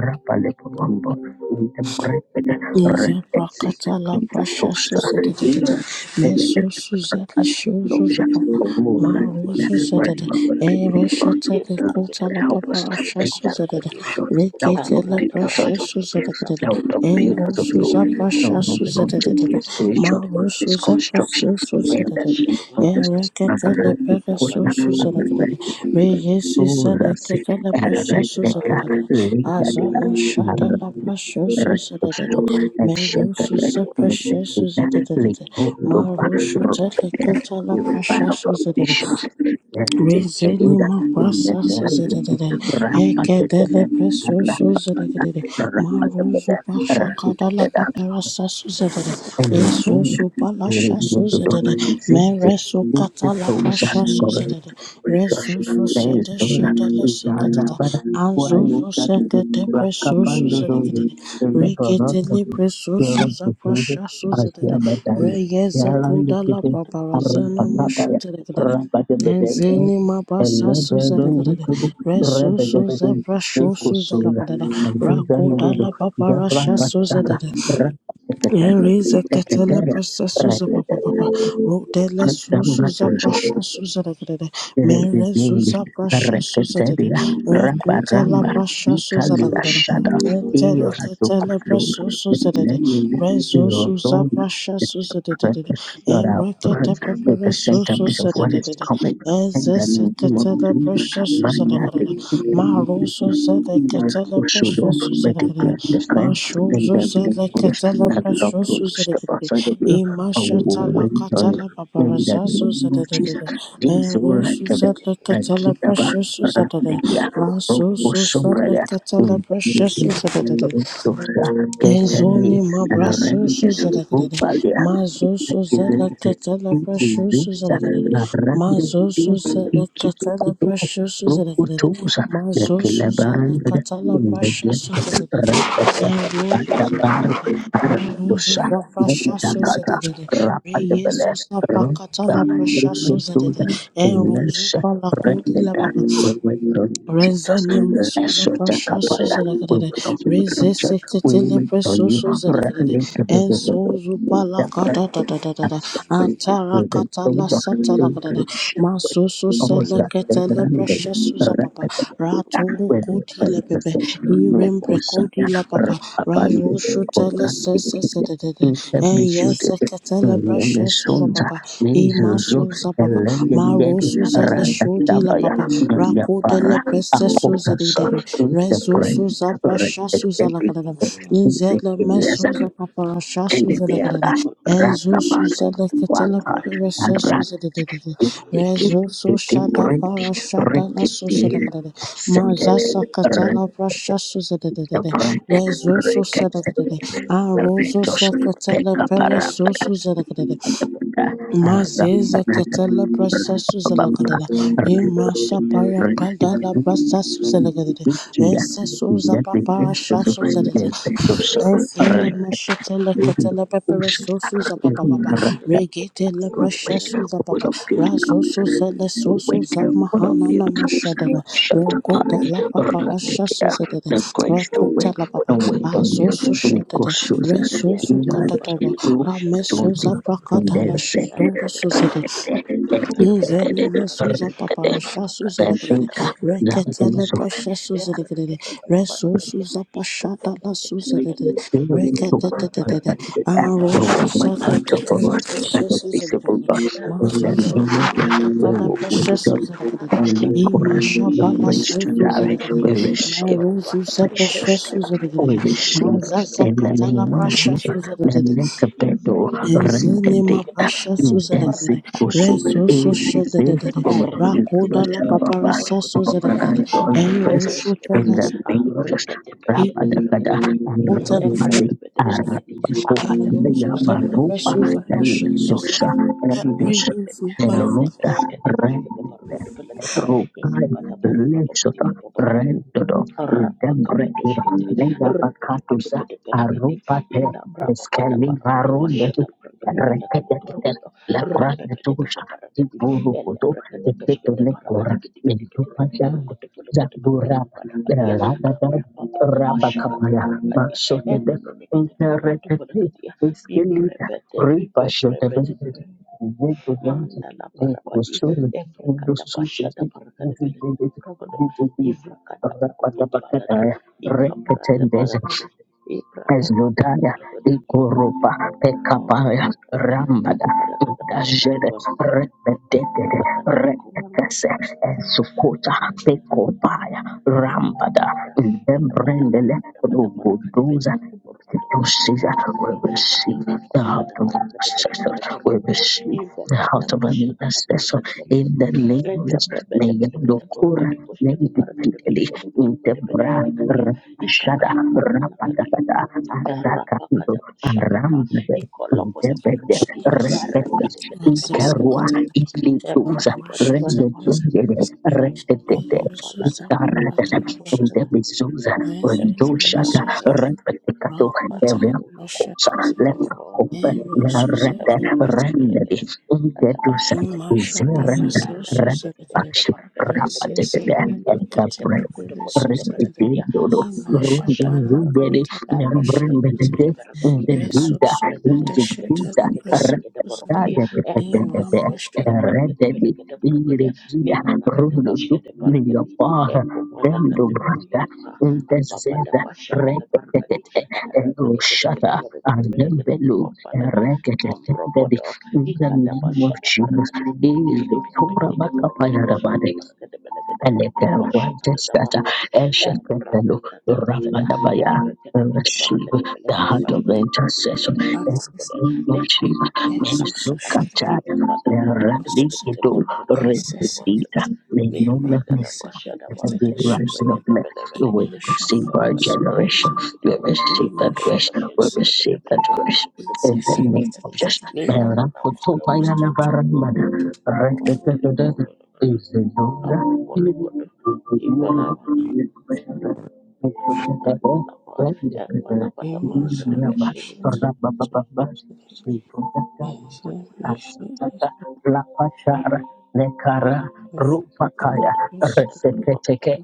S2: rapale pomambo inde brebele
S3: Niza
S2: rekezi
S3: brakata la brasha
S2: intatosa
S3: susa da da da
S2: ira
S3: da.
S2: temele
S3: Meso susa da
S2: Help
S3: shozo za papa.
S1: Bagi Barada
S3: Maruzo
S1: Barakadi,
S3: za da
S1: Dari
S3: da.
S1: Gidi Barakadi,
S3: Ere
S1: Ya,
S3: shata
S1: Yere
S3: da
S1: Pete
S3: kota la
S1: Pete
S3: papa
S2: us
S1: Barakadi,
S3: rasha
S2: take
S1: Beku
S2: that
S3: susa da da.
S1: Barakadi,
S2: short self
S3: Rekete
S2: help
S3: la
S2: take
S1: Namrata
S2: that out
S3: brasha
S1: Pashik,
S2: of the
S3: susa
S2: way.
S3: da da da da.
S1: Namra
S2: Help them build
S3: Ero
S2: us of
S1: Pataparakati
S2: your way.
S3: susa
S1: Belekita
S3: brasha
S2: Help
S1: Borokota
S2: them
S3: susa
S2: not
S3: da
S1: Belekita
S3: da
S2: take
S3: da
S2: the
S3: da.
S1: Borokota
S2: spiritual
S1: Pashkita
S3: Maru
S2: world
S1: Parakati,
S3: susa
S2: misconstruction.
S3: brasha
S1: Amra
S2: In
S3: susa
S1: Papata
S3: da
S2: the
S3: da da.
S2: name
S1: Pashika
S2: of
S3: Ere
S2: Jesus,
S1: Barakati,
S3: kata
S2: Father,
S3: la
S2: we call
S3: brasha
S2: that
S1: Ikapatu,
S3: susa da da da da.
S1: Urakita Belekita
S3: Reyesi sa
S2: Lord,
S3: da kata la brasha susa da da da.
S1: Bambalada,
S3: Azana
S1: Eprakita
S3: shata
S1: Belekita
S3: la brasha susa da da da.
S2: I
S3: Merusha is precious. da da da da. Marusha is a
S2: say,
S3: little
S2: you will find a
S3: precious.
S2: foundation and
S3: Rezeni
S2: Jeduda in the
S3: mabasa
S2: name
S3: zedede
S2: Rapatakata
S3: ekedele preso so zedede
S2: Rapatapata
S3: maruzo pasha kadala
S2: Rapatapata
S3: paperasa zedede eso so
S2: Enenea
S3: palasha so
S2: iliyotoka
S3: zedede
S2: zizi
S3: mereso katala
S2: likitosha
S3: pasha so zedede
S2: kurejesha
S3: reso so sete
S2: lezo la
S3: shedele sikatata
S2: barabara
S3: azozo
S2: wayukatu
S3: sekete preso so
S2: rakapando zozo
S3: zedede
S2: imeporoka
S3: reketele preso so
S2: kero kutuzo
S3: zapasha so
S2: asia
S3: zedede
S2: batando
S3: reyeze
S2: yalandu
S3: kudala
S1: Patapata
S2: kite
S1: Patapati,
S3: paparazana masho
S2: arapakapaya
S3: zedede
S1: Patakata
S2: rapatebedendo
S3: Ezeni mabasa
S2: elebedondu
S3: suzalagadada.
S2: kudu
S3: Reso suza
S2: rebedebedu
S3: brashu suza la
S2: jikusula
S3: suzalagadada. Rako
S2: anduzandido
S3: la papa rasha suza
S2: jabrapatara Tekatara,
S3: Ereza katala
S2: tekatara,
S3: prasa suza papa
S2: rakatara,
S3: papa. Rodela suza
S2: andambatanzo.
S3: prasha suza da da da. Mere
S2: Rebebende,
S3: suza prasha suza da da.
S2: Reketedia, Rabba
S3: Rekuta la
S2: Ramba,
S3: prasha suza da
S2: Ikalia
S3: da da.
S2: Shada,
S3: Entero
S2: Eos
S3: katala
S2: Dupaflu,
S3: prasa suza da da.
S2: Lenina,
S3: Rezo suza
S2: Yodon,
S3: prasha
S2: the
S3: suza da da da.
S2: precious Lord our
S3: Erekata
S2: words, make a
S3: pepera
S2: centerpiece of
S3: suza da
S2: what
S3: da
S2: is
S3: da da.
S2: coming, and the
S3: Ezesa
S2: name of
S3: katala
S2: Jesus,
S3: prasha suza da
S2: Maria,
S3: da da. Maro
S2: the
S3: suza da katala prasha
S2: Suzo,
S3: suza
S2: but
S3: da
S2: the
S3: da da.
S2: greatest friend, and
S3: Mashozo
S2: the
S3: zele
S2: greatest
S3: ketele
S2: that Lord will
S3: preshoso zele
S2: step
S3: kedede.
S2: outside of you, and we will
S3: Imashata la
S2: wait on you.
S3: katala
S2: In the
S3: babarazazo
S2: name
S3: zele
S2: of Jesus.
S3: dedede.
S2: Dizura
S3: Eroso
S2: kada
S3: zele ketele
S2: rakita ba
S3: preshoso zele dede.
S2: randilia robo
S3: Rasoso
S2: sombra
S3: zele
S2: da
S3: ketele
S2: umbali
S3: preshoso zele
S2: rotosa ketani
S3: Ezoni mabrasusu
S2: rende
S3: zelekelele
S2: ubalia
S3: mazusu
S2: kizirize
S3: zeleketele prashusu
S2: kiziriza
S3: zelekelele
S2: na rande
S3: mazusu
S2: dizo ikitu
S3: zeleketele
S2: kutoka
S3: prashusu
S2: robo
S3: zelekelele
S2: tosa ya
S3: mazusu
S2: kila baranda da
S3: zeleketele
S2: umbali
S3: prashusu zelekelele
S2: randa da
S3: zeruzu
S2: banda banda
S3: zelekelele
S2: para
S3: meruzu
S2: dosa ya kita
S3: zaprashusu
S2: kata
S3: zelekelele
S2: rapa
S3: reyezu zapakatala prashusu
S2: Abundant, or
S3: zelekelele eruzu palakudi la Rezene mesuza pasha suza la kadede. Reze sekete lepre soso zele kadede. Enso zupa la kata da da da da da.
S1: Bonapati.
S3: Antara kata la sata la kadede. Masoso sele kete lepre shesuza papa. Ratoro koti lepepe. Irem Brekodi La Papa Rao Shutala Sesa Sedede
S2: that
S3: Yes Katala
S2: we
S3: Precious La
S2: should.
S3: Papa Ima
S2: Mizuzu
S3: Suza Papa Maro
S2: Elended
S3: Suzala Shodi La
S2: Ratatavaya
S3: Papa Rako de Le
S2: Galiapara
S3: Prestes
S2: Akotasa
S3: Suzede Rezo
S2: Interpret
S3: Suza Prasha Suza La
S2: Redetekli
S3: Cadena Inzela
S2: Ezekielesa
S3: Mesuza Papa Rasha Suza La Cadena
S2: Elebeara
S3: Enzo
S2: Rakaman
S3: Suzala Katala
S2: Waka
S3: Precious
S2: Arat
S3: Suzede
S2: Bitiki
S3: Rezo Sushada
S2: Itibredi
S3: Para Shada La
S2: Rekidil
S3: Susa Mazasa katala
S2: Settle
S3: prashasa zedededede.
S2: Brenda
S3: Rezoso
S2: Ricketts,
S3: sedededede. Arozo
S2: Rachel
S3: sekatala
S2: Rebecca Barabara,
S3: peresoso zedededede. Mazeza katala prashasa zedededede. Imasha paya kadala prashasa zedededede. Eseso zapapa shasa zedededede. Ezele meshetele ketele pepere sosu zababa
S1: Iskete
S3: baba.
S1: berkete
S3: Regetele
S1: pelekadi, ika
S3: breshe suza
S2: what
S3: baba.
S2: up, it
S3: Razo
S2: comes.
S3: suzele sosu
S2: Wait, what up,
S3: zamahana na
S2: it comes. in.
S3: mashadada.
S2: Shut up,
S3: Rekuta
S2: honey.
S3: la
S2: Run,
S3: papa
S2: take
S3: rasha
S2: care.
S3: suzedede.
S2: The grace to
S3: Rekuta
S2: wait.
S3: la papa.
S2: Don't wait on
S3: Azo
S2: you. Nico
S3: sushedede.
S2: Susan.
S3: Rezo
S2: England.
S3: sukatadada.
S2: Group.
S3: Rame
S2: Don't be.
S3: suza
S2: And
S3: prakata la
S2: then say. Then
S3: shadore
S2: think.
S3: Izeli mesuza paparasha suza
S2: Then
S3: lekedede
S2: think. that
S3: reketele
S2: is so.
S3: presha suza lekedede reso suza pasha dala suza
S2: Feeling
S3: lekedede
S2: to my
S1: pada para
S3: reketetetetete
S1: kate
S2: the
S1: pelekapa
S3: aro
S2: backbone of my
S3: suza
S2: culture for
S3: leketele
S2: us
S1: kita
S2: and
S3: presha
S2: the
S3: suza
S2: visible
S3: lekedede
S2: us in
S3: mazo
S1: roda
S2: the
S1: roda
S2: name
S1: roda
S3: suza
S2: of Jesus.
S1: posede
S2: We
S3: leketele
S1: berada
S2: will
S1: di
S3: presha
S1: berada di
S3: suza lekedede
S1: ande
S2: and the
S1: berada di
S3: imasha
S2: Quran, the
S3: bala
S1: isada
S2: grace to
S1: kada
S3: suza
S1: kada.
S2: die.
S3: lekedede
S2: We
S1: Ika berapa
S2: receive
S3: maro
S1: berapa
S3: suza
S2: which to
S3: presha
S1: imbele
S3: suza
S2: we
S3: lekedede
S1: berada
S2: receive
S3: maza
S2: in the
S3: zakatala
S2: name of
S3: presha
S2: Jesus.
S3: suza lekedede
S2: Melekabedo rendede
S3: Ezenema pasha suzelekede,
S1: di
S2: intensikusu
S1: Ivre
S3: reso so
S2: ezeze
S3: shedede,
S1: Erre
S3: rakoda la
S2: orodikubashababa
S3: papara sa suzelekede, and
S2: orodikubas
S3: Rosho
S2: in the
S3: telas,
S2: name of Jesus.
S3: he
S2: Rabadagada
S3: hotelas,
S2: ramadi arabako
S3: and Roso zepra
S2: yabarupa
S3: suza pasha
S2: elidosa
S3: suzelekede,
S2: elidosa
S3: Rehu supala
S2: eruda Rokai Lechota Rendodo Dembrekura
S1: Rapakapadoshkete,
S2: Lega Bakatusa
S1: Rapakapadoshkete,
S2: Arupate
S1: ina Brahma Pada Para Pada
S2: Eskelivarundetu
S1: Pashata Prakata Pada Kadi
S2: Reketekete
S1: Porokoto, Rapakapadoshkete
S2: Lapranetusha
S1: Parakati, Ella
S2: Iburukutu
S1: Brakate Peshkete
S2: Eketonekora
S1: Parakati Piti Piti Piti Piti
S2: Mintupajande
S1: Porokoto Polokoto Papa
S2: Zaburaba
S1: Pada Kadia,
S2: Radadad
S1: Abrahma Pada pasca kata Pashakata
S2: Rabakapaya
S1: Parakadia, and
S2: Masotede
S1: the Menekate pada
S2: Unterretete
S1: Polakadia, bi
S2: Eskelita
S1: Prepete, bi
S2: Ripa Shotevende
S1: Prepete, mandala barabadi
S2: Nikushukuru
S1: evrakada
S2: ndususuzi
S1: bashada baragada belagada bragodo
S2: ndududududududu
S1: ivrakada buko bambalada
S2: rapadapakataya
S1: ikabrada
S2: reketendeze
S1: balagadi ibra bobo
S2: pezlodaya
S1: baragada
S2: ikurupa
S1: oh
S2: pekapaya
S1: balagada
S2: rambada
S1: ada pada kada baragada
S2: dajede
S1: baragada
S2: repedekede
S1: balagada buko
S2: rekese esukuta pekopaya rambada ndembrendele ruguduza to see that we receive the heart of the intercessor. We receive the heart of an intercessor in the name of Jesus. May Yandokura Nenditikidi in the Bra Shada
S1: Ikakakakakankanakadi,
S2: Rapatakata sakando rambade debede
S1: ikolopotaporokote,
S3: shedede,
S2: rebede
S1: ereketekete,
S3: rasa
S1: peskete,
S2: ikarua
S3: sakata,
S1: barakete,
S2: iklintuza
S3: ah, Rosho telas,
S1: embrapotibarebarakete.
S2: rendedendede rendedede
S3: Rehu
S1: ნაყოფපოყმადა
S3: suza papata
S2: itaradada
S3: rasha,
S1: ათწლეულის
S2: ndebizuza
S3: Ezenema
S2: rendoshata
S1: მდედრი.
S2: rebedekato
S3: Rakutala
S2: evia kosa
S3: Ashatu Zebede
S2: lepa kopen
S3: and Rosu
S2: rende
S1: Apa
S3: Zebede
S2: rendedi intedusa
S1: pada para
S3: Nimasha
S1: kadi
S2: zerenda
S3: Palace
S1: arah
S3: Rosu
S1: kerja kita
S3: Zebede
S1: kita
S2: repash
S1: para kerja kita kadi
S2: rapadede
S3: Resus
S1: ini mana kita
S2: ekabre
S3: Zebede
S1: berkuda pos
S3: Resu
S1: kita
S3: Zebede
S1: berakadi akan ada
S3: Imasha
S1: pasca pada
S2: Rindodo,
S1: barangkali,
S3: Palakutala
S1: eh,
S2: Remember
S1: berkata
S2: the Nyambrenda
S3: Prashatu
S2: deke
S3: Zebede Resu
S2: ndediza
S3: Zebede
S2: rizigiza
S3: Shetala Prashatu Zebede
S2: rakada kakende
S1: pes
S3: Irambasha
S1: kita berkata bela
S2: rededi
S1: kita berakadi di
S2: iregida
S1: nama kata pas
S2: rududu
S1: kita pada kita
S2: niyabaha vendo brada
S1: apa pada
S2: ndezeza
S1: pasca pada para
S2: rekete
S1: kadi arah kerja kita
S2: eroshata
S1: kita berakadi bela
S2: andembelu
S1: kita
S2: rekete dedi
S1: Ambropodo,
S2: in the
S1: Ikada
S2: name of
S1: Bashada
S2: Jesus
S1: Barakadi Bidi Bidi
S2: is
S1: Bidi
S2: the
S1: Bidi Bidi
S2: Torah
S1: Gide Boroko de Beshkide
S2: Bakapayarabade
S1: Barakade Belegade Borokade Bashata de
S2: Eleperwantestata,
S1: Barakadi,
S2: Eshekepelu,
S1: Embrata da da da da da,
S2: Rapandabaya.
S1: Erkade Gede
S2: Receive
S1: Barakade
S2: the
S1: Belegade
S2: heart of the
S1: Bashkide Barakade
S2: intercessor.
S1: Belegade
S3: Asis
S1: Borokade, Lena
S2: Receive
S3: Jesus
S1: Akukakalakada,
S2: Mensukata,
S1: Ita Bada Barakade
S3: Susana,
S1: Belegade
S2: Radikido,
S1: Borokade
S3: essa
S1: Belegade Borokade,
S2: Repetita,
S3: sacada,
S2: Menumene.
S3: merece
S1: Nimrakada
S3: saber
S1: Bashada Ba,
S3: essa
S2: And the
S3: da
S2: rising of
S3: Susana,
S1: Imrakade
S2: men, we
S3: e
S1: Belegade
S2: will
S1: Gede,
S3: macha
S2: receive our
S3: passo,
S1: Emrakade
S2: generation,
S3: Susana,
S1: Gede
S2: we
S3: e
S2: receive that
S1: Librakada
S3: macha
S2: grace,
S1: Bashada
S2: we
S1: Brakada
S2: receive that
S3: sacada,
S1: Balakada
S2: grace.
S1: Burukada
S3: essa
S2: In the
S1: Balakada
S2: name
S3: sacada,
S2: of
S1: Barakadi
S2: Jesus.
S1: Nina Nana Makabara
S3: Cristo,
S1: Barakadi
S2: Merakotobayanabaramada.
S1: Bora Kapu Bolokodo Ibara Nana Pa Embala
S3: e
S1: Pata
S3: macha
S1: Barakada Bashir
S3: sacada, essa mexe,
S2: Lapashara Lekara Rupakaya
S3: ele
S1: Pata Pata
S3: pensa,
S1: Pata Pata Pata
S2: Reseketeke
S1: Pata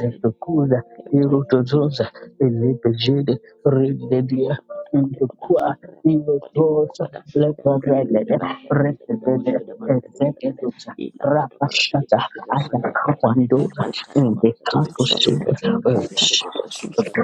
S1: Barakada Balakada
S2: Irutozoza Elipejede Ridedia Indukua Ilotosa Leparelede Rekede Ezekeduza Rapashata
S3: é
S2: Atakawandoza
S3: por macha
S2: Indekakosida
S3: sacada, Susana,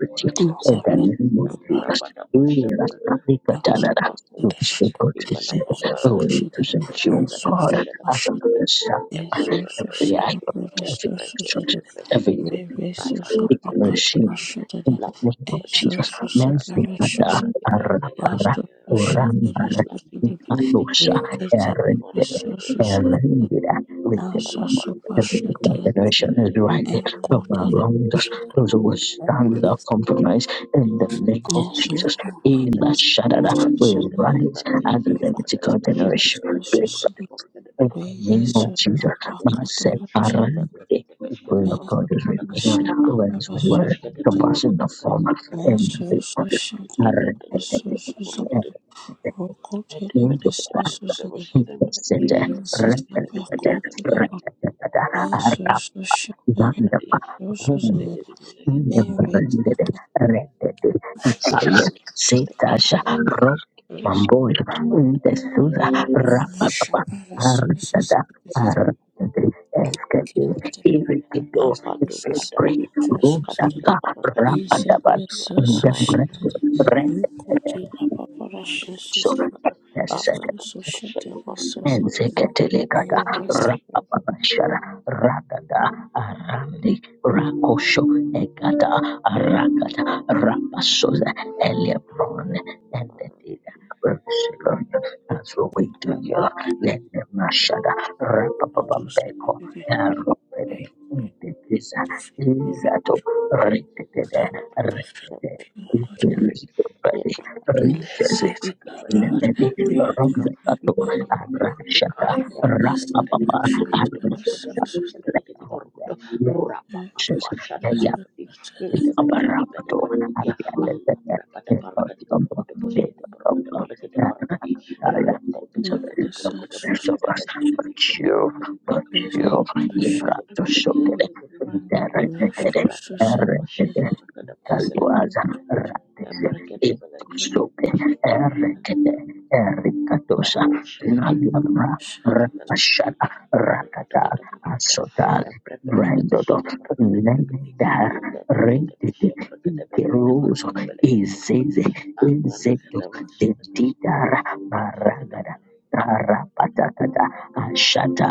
S2: Rich
S3: e
S2: and then Motinas, Eras,
S1: Thank you.
S3: macha
S2: Catanara, those
S1: Emakumba,
S2: they
S3: sacada,
S2: could receive,
S3: Esosu
S1: Imanapambana,
S2: only
S3: shidere,
S2: present you, God,
S3: resosu
S2: as a
S3: bashidere,
S1: Ikabrakadabashadabanagada,
S2: Messiah,
S3: esosu
S2: every
S1: Embrakadabanagada,
S2: act of
S3: shidere,
S2: every
S3: resosu
S2: church,
S3: zidere,
S2: every
S3: re
S1: Embrakadabanagada,
S3: resosu fakata
S2: declaration.
S1: Alabrakadabanagada,
S2: In
S3: bashidere,
S2: the name of Jesus,
S3: esosu
S1: Labrabadibabambanana,
S2: mercy,
S3: sepere
S2: Kata,
S3: shosu,
S2: Arapara,
S1: Embrakadabanagada,
S3: rasosu shidere, sosu bebe,
S1: Latititititi,
S2: Ayosha,
S3: rekete de
S2: Aaron,
S1: Itadikitimonagada,
S3: resosu zidere,
S2: Aaron, with
S3: masasu
S1: Lapanabanagadi,
S3: bashidere,
S2: the nation is
S1: Embrakadabanagada,
S2: right from
S3: enkota
S2: our
S3: la
S2: wrongs.
S3: bashidere,
S2: Those who will stand without compromise in
S1: Thank
S2: the name of
S3: esosu
S2: Jesus. In the Shadada
S3: masasu
S2: will
S3: zidere,
S2: rise as a
S3: enkota
S2: Levitical
S3: la
S2: generation. Will
S3: bashidere,
S2: rise in
S3: Ve
S2: the name of
S3: Yesu
S2: Jesus. Masep
S3: Sofrakatoros
S2: Arande, the will of God is renewed.
S3: Esaşo
S2: Where His
S3: Parasu
S2: word surpassing the former and the
S3: Mesus
S2: latter.
S3: Şate
S2: Arande,
S3: Parasus Zababaroko Tere
S2: Rapper,
S3: Pesasu Zede Ve Yesu Sofrakatoros Zababaroko Tere Pesasu Zede Ve Yesu Sofrakatoros
S1: you.
S3: Mesaşo Parasu Zede Kendere
S1: Lapado pada
S3: Pesasu Zede
S1: rakatika parakadi
S3: Iseme
S1: ibra
S3: soso
S1: bola
S3: shetele rikuti la papara shesusi
S1: pada apra
S3: raso
S1: kada
S3: so
S1: pasada
S3: shetele
S1: parakada
S3: sosi
S1: parakadi
S2: Ezeketelekata
S3: and
S1: imham
S3: this
S2: rapapapashara rakata arandi rakosho ekata arakata rapasoza elebron and the data as we wait on you let the mashada
S3: soso
S2: rapapapambeko
S3: shetele
S2: karopede
S3: I
S2: ndekisa
S3: of you O Lord
S2: izato reketede
S1: Kupatwa
S3: perfect
S1: na
S2: rekete
S3: you O Lord
S1: kupelekea ya parabadusha
S3: bless it O
S1: ikapata
S3: Lord
S1: parabada parabada ka
S3: yes, it
S1: ikakakakakaka ya
S3: just
S1: rekete
S3: a
S1: pelekete
S3: precious
S1: burukoto koskete
S3: soso
S1: brekete pelekete burukoto
S3: and
S1: rurapapapa shada
S3: soso
S1: parabadi
S3: shetele
S1: ntepetepetepete parakadi ala brapata parakadi burukoto koskete burukoto pelekete parakadi rekete pelekete
S3: nama
S1: burukoto
S3: soso
S1: parakada koskete pelekete burukoto
S3: best soso shepherd Lucius soso
S2: Ericatosa, Nagabra,
S3: shetele
S2: Rapashada, Rakata, Asotale, Brandodo, Lemedar, rende igeroso izeze enzeto dedidara maragada rapatakata ashata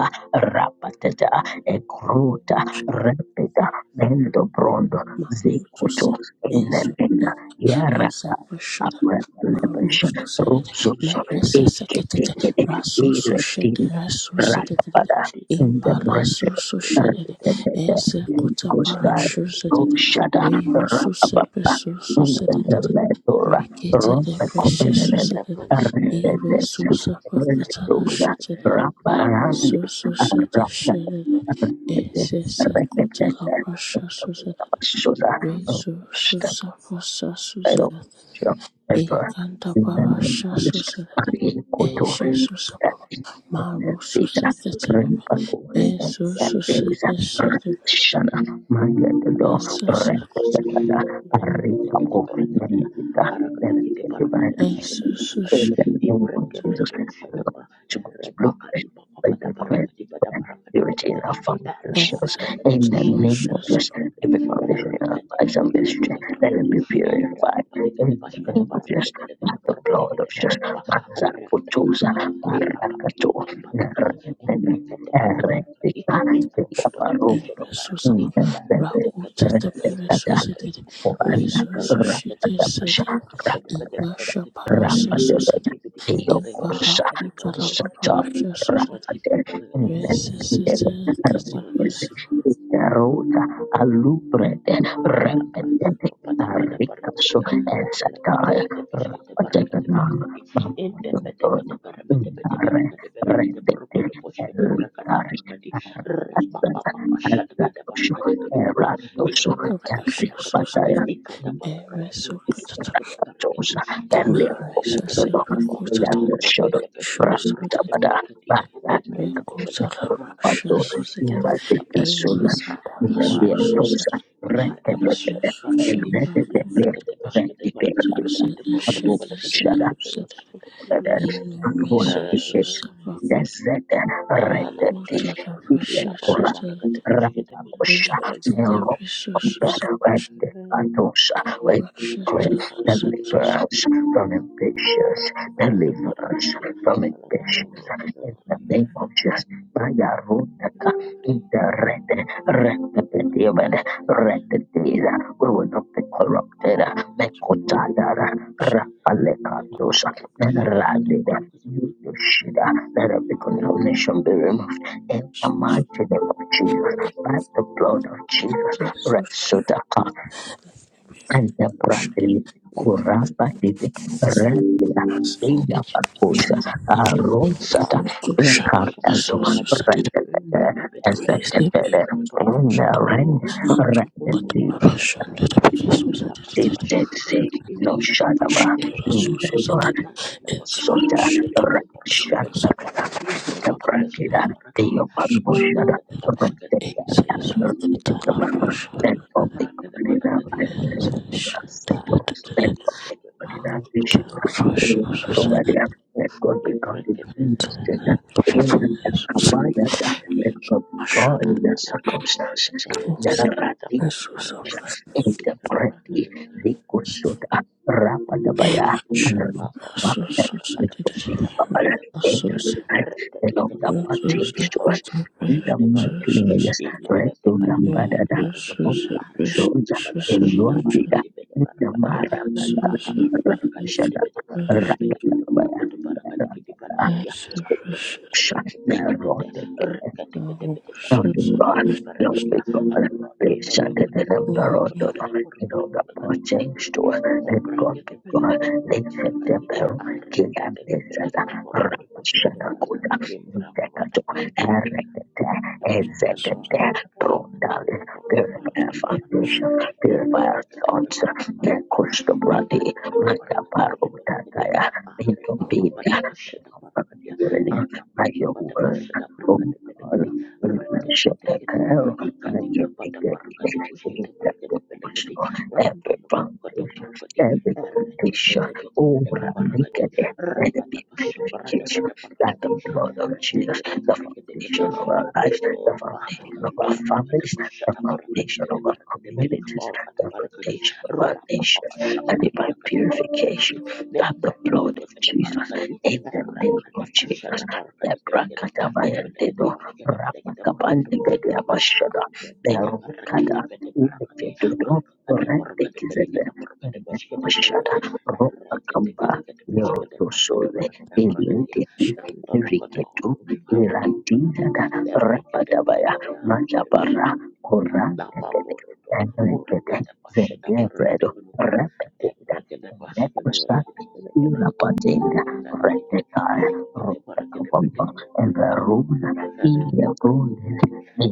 S2: rapatata ekrota repeta mendo brondo
S3: Marusu
S2: zekuto
S3: said, Esu,
S2: enenena yarata
S3: Yusafu shed,
S2: apelelepesha
S3: Marusu said it,
S2: rupsoso
S3: Neresa seconded,
S2: eketekele
S3: Rasusu shed,
S2: iretinda
S3: Rasu said
S2: rapapada
S3: it,
S1: Mati ke
S2: in the
S1: para pati,
S2: presence
S3: Imparasusu
S1: yang
S3: shed it,
S1: kita pikir para sendiri,
S3: Ezekuta
S1: yang
S3: parashu said it,
S1: kita
S2: Rushada
S3: Re Rusu
S2: Rababa
S1: no
S3: sepesusu
S1: pasa
S3: said
S1: por el
S3: it,
S1: pasivo,
S2: Indeletora
S3: Rekete de
S2: Rope
S3: precious
S2: Copenele
S3: said
S1: la
S3: it,
S1: provincia de
S2: Rededes
S3: Iresu
S1: para sacar
S3: sapakatara
S1: el
S2: Eletora
S3: shed it,
S1: coche.
S2: Rabarandi
S3: Rasusu said
S2: Arapta
S3: it, shed it,
S2: Redede
S3: Ezekuta la
S2: Redede
S3: precious
S2: Sosa
S3: Rezo Susafasa
S2: Dialog
S3: Susalat
S2: jump Cairo, Sham,
S3: E
S2: Efrak,
S3: Cantabara
S2: Lebanon,
S3: Susalat
S2: Palestine,
S3: E she
S2: Kotori,
S3: Susababa Maro
S2: Zeta,
S3: Susakatala E
S2: Ripanor, Yandesa,
S3: Susakatala
S2: Shana, Mayadado,
S3: Asasakata
S2: Rekadada, Arikapo, Nandita,
S3: E
S2: Nandita, in
S3: Sususha
S2: the name of Jesus, I like to God's blueprint, I declare and purity in our
S3: E
S2: foundations. In the name of
S3: Susapasha
S2: Jesus, every foundation in our lives and ministry, let it be purified. In the name of Jesus, by the blood of Jesus, Manza Kutuza,
S1: Ela kapa
S2: Parakato,
S1: papa balada, embreke
S2: Nerendene,
S1: tebe kubaraka di,
S2: Erektika,
S1: ibro papa topo
S3: E
S2: Tekaparuto,
S1: shede baraka
S3: Resusaba
S2: Indendene,
S3: Rahutata
S2: Rendekada,
S3: Peresusate Resusate Sate E
S2: Oana,
S3: susu sete sete
S2: Rapadabasha,
S3: e Masha
S2: Rapadabasha,
S3: Parasusate E Barakutala
S1: Thank
S3: Parasha Susate Resusate
S2: Ruta alubrede
S1: pada pada
S2: repetete
S1: pada pada pada
S2: arica so
S1: dia karena kita
S2: esataya
S1: kita bersih kita para kita
S2: rapatekana
S1: beli kadi indep dep
S2: mampatotona
S1: dep para dep dep para
S2: unare
S1: kadi karena kita baru
S2: retete
S1: kudo push kita para kadi
S2: elicari
S1: baru kadi raba papa
S2: aratata
S1: papa saat kada para
S2: azatosho
S1: kadi bela kabo
S2: eratoso
S1: ika
S3: The
S1: kaka ya kata
S3: process
S1: kata
S3: is
S1: ah
S2: eripataya
S1: ika para kadi baru kudo push
S3: replicated
S1: kita para kadi
S2: Tosha dan lihat
S1: indep dep dep bela
S2: pokok-pokok
S1: kabo
S2: dan
S1: ardep
S2: shodok
S1: dep push kita
S3: shows
S1: para
S2: berada
S3: within
S1: dep
S2: pada
S1: bela kadi
S2: rakyat
S1: epara
S3: the
S1: dep bela
S3: cultural
S1: kita baru kudo
S2: atau
S1: baru
S3: process
S1: kudo baru kudo baru
S2: nyelatika
S3: in
S1: kadi
S2: sunnah
S1: andi
S2: dan
S3: mass-produced
S2: biar
S1: para
S3: resource-produced
S1: pada
S2: dosa
S3: solutions in
S2: rakyat rakyat
S3: resource-produced
S2: rakyat
S3: cultural processes related
S2: rakyat rakyat rakyat Desete retete ilekura
S3: to
S2: ramabosha mero
S1: Thank
S2: rete katosha. We declare deliverance from impatience, deliverance from impatience in the name of Jesus. Maya rotaka Rete, rete, rete, we will not be corrupted. Mekotadara, rakalekandosha, meneradida, yudoshida. Let every condemnation be removed in the mighty name of Jesus, by the blood of Jesus. Resodaka, Anta
S3: resource production
S2: Pradri Kurapa Dite Rendila
S3: resource
S2: Dila
S3: society.
S2: Paposa Arosata
S1: para
S3: So
S1: pakata
S3: Shapa
S1: pasha
S2: Incartanto
S1: kapura kadi
S3: suicided
S2: Prendele
S1: mbrebe pete pete
S3: raised
S1: pete
S3: the
S1: pete
S3: people
S2: Eseketere
S1: kede paru kuto
S2: Renda Rend
S1: uru
S3: and
S1: kuto kuru kuto
S3: got
S2: Rendila
S1: pana kadi
S3: Russian
S1: pete
S3: that
S1: kidi
S3: appears
S1: kapata
S3: suicided
S1: pasha
S2: Dite
S1: da para
S2: Se
S1: kadi
S2: No Shadaba
S1: pete pete
S3: Shada
S1: pete kadi
S3: suicided
S1: na na na
S3: and
S1: maka
S3: Shada
S1: para
S2: Sota
S1: kadi pete kede paru kede pete
S2: rakshata
S1: kedi ivre kede pesh
S2: dabrakira
S1: kede para kadi
S2: deyo
S1: ika da
S2: panboshara
S1: da da para kadi
S2: rakshata
S1: pete kede kede kede kede
S2: rakshata
S1: kede kede kede
S2: that
S1: ika
S2: of the
S1: mra kede mana
S2: Kalina
S1: kadi ya mana ya
S2: Rasito
S1: ara da
S2: that
S1: da da
S2: of
S1: da
S2: the
S1: da
S2: Kalina
S1: ora
S2: Vishana
S1: kadi
S2: Eo Tomadia that God be God
S1: ivre
S2: in the
S1: kede
S2: ministry Eo and that Kawaya that God be God in the
S1: Nanda Lada Boshi
S2: circumstances
S1: Bede
S2: that
S1: Ibrata
S2: are
S1: Boku Paragadi Ika
S2: interpreti
S1: Rakan
S2: likushuda
S1: Rakata
S2: rapadabaya anarabapner likumikar in the night and of the parties to us in the mighty name of
S3: Suicide,
S2: Jesus right to the
S3: Susan
S2: badada shoja in luandiga in the maranada rakashada rakadabaya rakada Lord, glory God, patient in the number of the you know, the poor change to let God
S1: Bracket
S2: be
S1: the
S2: God,
S1: Pelekatu,
S2: let the
S1: Wakadi,
S2: peril, King
S1: Arreket
S2: and
S1: the Pelekata
S2: Messiah,
S1: Porco de Bosque de Bas,
S2: Ramashanakuda,
S1: Limbra, Vada,
S2: Tekato,
S1: Madamoda,
S2: Erekete, Executive
S1: Kadawashi,
S2: Brondale,
S1: Rapa
S2: Purify Foundation, Purify Sons, Nekushka Brady, Manda Baru Tataya, Minton Bibia, by your word, oh God, we worship the care. and you Every foundation, every foundation, over naked, let it be purification. That the blood of Jesus, the foundation of our lives, the foundation of our
S1: Kambra papa de
S2: families, the
S1: pashata paraka de
S2: foundation
S1: bede
S2: of our
S1: baraka de bele
S2: communities,
S1: kabaraka de
S2: the
S1: baraka di
S2: foundation of our
S1: rapa
S2: nations,
S1: papa shaka
S2: and
S1: de
S2: divine
S1: palaka de baraka de bede
S2: purification.
S1: de
S2: That the
S1: brebe
S2: blood
S1: bede
S2: of
S1: bele
S2: Jesus,
S1: baraka di
S2: in the name
S1: raka de
S2: of Jesus,
S1: pashata baraka
S2: the
S1: de bele de baraka de
S2: Brakatavaya
S1: bele de
S2: Dedo,
S1: baraka de bele de baraka
S2: Rapakabandi
S1: ante bede baraka
S2: Berukada
S1: bede baraka di
S2: Ndeketudo
S1: aka de baraka de bele de
S2: Rendekizele
S1: baraka de poshi de baraka
S2: Ndekoshada
S1: de raka de
S2: Ropakamba Yorotosole Elenteti Riketu Irandizada Rapadabaya Majabara Korandekede Enrekede Zengebredo Repetida Nekosa Urapatinga Retekaya Ropakabamba
S1: Thank
S2: Everuna Ilya Brunel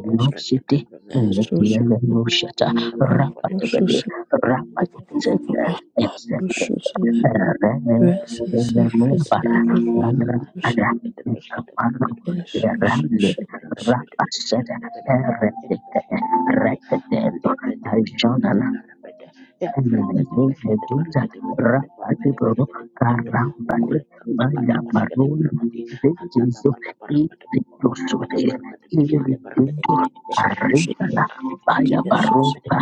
S2: Minosity Melekia Lenushata, Rapatibadi, Rapatizenda, Exende, Rene,
S1: Tadi ifrake de
S2: Lemubara,
S1: bele kapa ande
S2: Mandrapada,
S1: preke de peske de
S2: Kapano,
S1: frake de bele kade burke de
S2: Rande,
S1: bele berake de bele bele berake de
S2: Rapasada,
S1: bele kade burke de peske
S2: Eredicate,
S1: de bele kade
S2: Recadendo,
S1: ande bede bede bede
S2: Jonana,
S1: bere bede ifrake
S2: Anime
S1: de peske de
S2: Medusa
S1: berake de bele kade burke
S2: rapati bro karambati baya baroni de Jesu
S1: pada para pada
S2: iti
S1: papa pada
S2: tosode
S1: para kade peske
S2: iri
S1: de berake
S2: titu arritala
S1: Thank
S2: baya baroka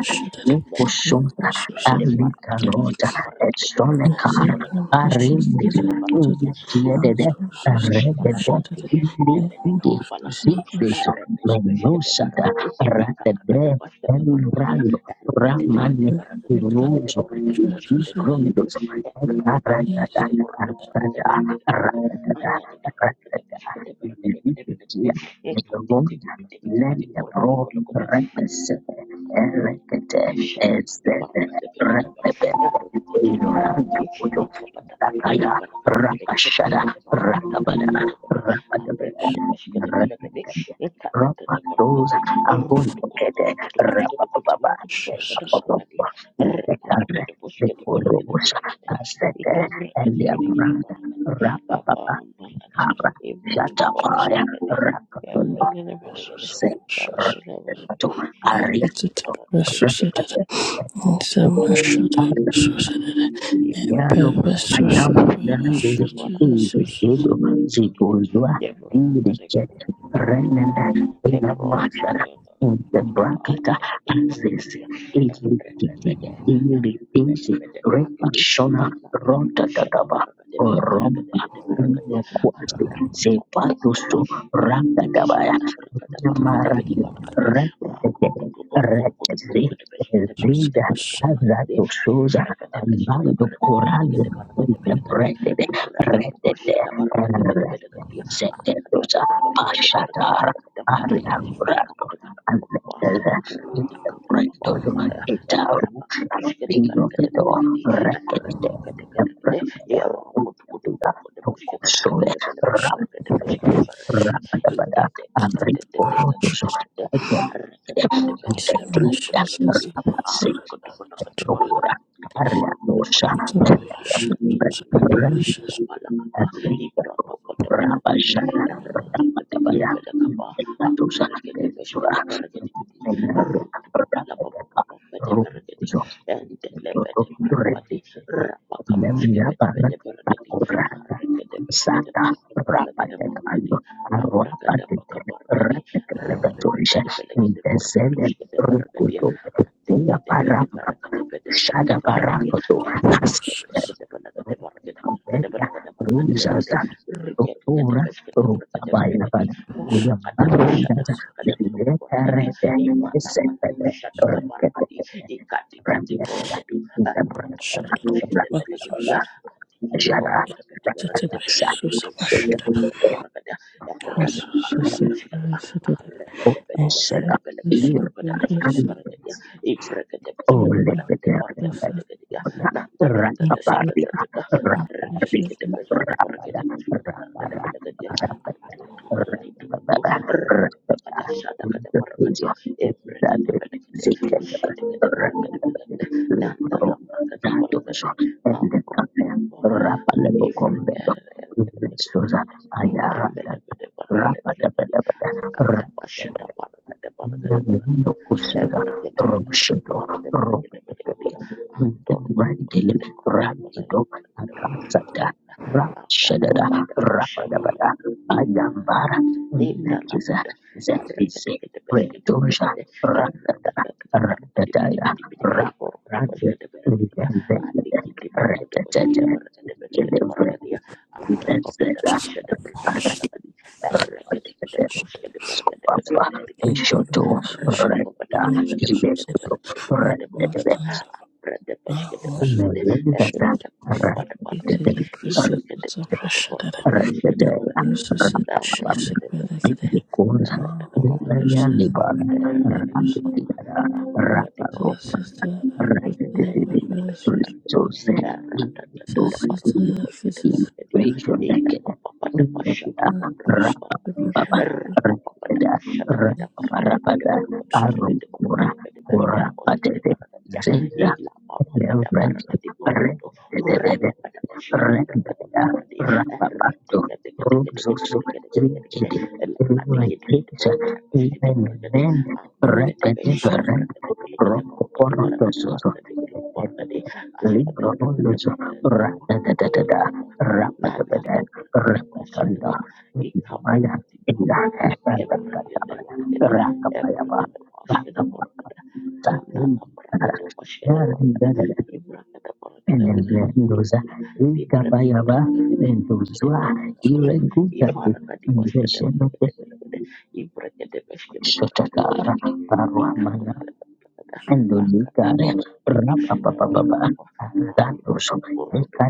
S2: nukushonsa alika roja etsone kar
S3: Brazilian machines
S2: arindiri
S3: that included
S2: ulekiedede
S3: outsourced
S2: rebede
S3: versions
S2: indi
S3: and
S2: indi
S3: outsourced
S2: zizizo
S3: versions
S2: menushada radede elurando Rules of the rounds of my
S3: that
S1: you. Ibrahim,
S2: Rapa those are going to get it.
S3: Shut
S2: Zekare, Zekorobosha, Azete, Eliabranda, Rapapapa, Kara, Shatapaya, Rakatundo, Zen, Rakatu, Aria,
S1: Arika para datus kete
S2: Rakatu,
S1: pele kapa kumpre kete pele kete kete kimpra
S2: Yalo
S1: di bawah
S2: ayam
S1: ya.
S2: grande
S1: aku para kete pele kete
S2: zikiro
S1: para kete pele kete
S2: zikuzwa
S1: Ya bro, Alika Paragatus Ketapilakapa Kumbrakatabelekate Kimprati Bhavaya Adu Barakati Piriki Barakati Pirikidi Yamra
S2: irichet
S1: Barakata Barakati Barakata
S2: renenda
S1: Yamra
S2: inamashara
S1: Munana Katapa
S2: intebrakaika
S1: Darakata
S2: azese
S1: Barakatiya Brenda
S2: irikiti
S1: Bede Bele
S2: iripisi
S1: Bede Barakati
S2: repashona
S1: Ila Katapa Shada
S2: rotatataba
S1: Barakati Bede Barakati
S2: romba
S1: Bede Barakati
S2: unokwasi
S1: Rapa papa papa papa
S2: sepatusu rangadabaya
S1: Peshkata barakata barakati bete
S2: nyamarande
S1: barakati.
S2: rentetete
S1: Orkutu
S2: retesi
S1: barakati peshkata barakata
S2: eziza
S1: barakata
S2: as that
S1: barakati.
S2: to Azrato Souza,
S1: Barakati peshkata
S2: andando
S1: barakati
S2: por
S1: bete
S2: años
S1: bete barakati barakati.
S2: interprete,
S1: Rapa
S2: retete,
S1: pashkata barakati bete bete barakati.
S2: setetusa,
S1: Tata barakati barakati
S2: pashatar,
S1: belakati barakati peskata barakati peshkata
S2: ariabrato,
S1: barakati barakati papa.
S2: azete,
S1: Arata
S2: interpreto,
S1: papa ya.
S2: itaru,
S1: Embrapa patushkata barakati
S2: piloteto,
S1: barakati.
S2: retete,
S1: Arata kata kata kata.
S2: emprendete,
S1: Iya orkutu kutu
S2: interpreta,
S1: barakati peshkata
S2: tocosole,
S1: barakati barakati barakati peshkata barakati.
S2: Rabadabada and Rikorodoso again. Tetinda Ramasi Tora Ariadosha Meledambre Randi and Rikako Rabashana Ramadabaya Tekatosa Ezra Menalia Rabadaka Rudoso Tuhurul revi, dia
S1: Rapakabuske
S2: menyapa
S1: bede bede
S2: anak anak
S1: beregedi,
S2: orangnya.
S1: arregede beskede
S2: Sangat
S1: porogede
S2: berapa jadi
S1: belegede
S2: anak haru pada
S1: Abrakadabra kabargadi.
S2: terketejatulisha
S1: Repepepetepelekete
S2: intens dan
S1: porokotoshkete paragadi.
S2: rukudu. Iya para orang sudah barang itu hasilnya. Tuhurul revi, tuh bisa saja. Tuhurul revi, apa ini ada diem ban rukudu. Dia karena dia senpai orang ketekan.
S3: Sister,
S1: Rekakakada baskada, arre pede pede gara
S2: Shut
S1: kada
S2: up.
S1: pele kada baru
S2: You,
S1: kada
S2: I
S1: baskada bara kada
S2: am.
S1: Ibra embele bede parke de bele kata pasha da
S2: Rapa
S1: bala kada bala kada bala kada ebra kada bala kada bala kada bala kada bala kada andor kada bala kada bala kada bala kada bala kada bala kada bala ada apa pada pasha bala linda la pada kata kata bas kata para kata kata kata para kata bidi bidi bidi bidi para kata bas kata para kata dia ada kiti para kata bas kata para kata para kata para kata dia apa apa kata pas kata para kata
S2: Rapa
S1: para kata kata kata terus kata para kata para
S2: Scopa
S1: kata kata
S2: and
S1: kata kata
S2: Shoto
S1: apa
S2: Renda
S1: apa kata pas kata para
S2: Ile
S1: kata para kata para kata
S2: Renda
S1: para kata
S2: Melissa
S1: apa kata pas kata para kata
S2: Renda
S1: mereka apa
S2: Renda
S1: para para kata
S2: Renda
S1: Ife kata
S2: Renda
S1: para kata para kata pas kata
S2: Rapada,
S1: para kata Thank Rapa
S3: Asus prepared to Asus
S2: Rengga Rapapato Ruzuzu Rigidi Rigisa Nenenen
S1: La la
S3: Asus Asus
S2: Repetiverent Rokoporotososo Librolozo Ratatatada Rapatabada
S1: la prakata bashada
S2: Rapatanda
S1: ba ikabra
S2: Maya
S1: di
S2: Ila
S1: baba ebra gede
S2: Ratatatabada
S1: gede ebra
S2: Rakapayaba
S1: gede bashada
S2: Rakapayaba
S1: barakada la la
S2: Sakin
S1: la prakata bashada barakada ibra gede barakada wala
S2: Endeleza
S1: ya di bra gede
S2: igabayaba
S1: barakada
S2: nduzwa
S1: inna ma
S2: iregutatu
S1: ibara kadi bashada
S2: ndeshenete
S1: barakada Ibu kerja tidak boskan demoral kerja bosan
S2: shotakara
S1: ini. Ika perlu
S2: paruamana
S1: sedapat ada. Ah, kerja
S2: ndolukare
S1: moral. Insyaallah
S2: rapapapapapa
S1: ada orang yang
S2: zatuso
S1: berbudi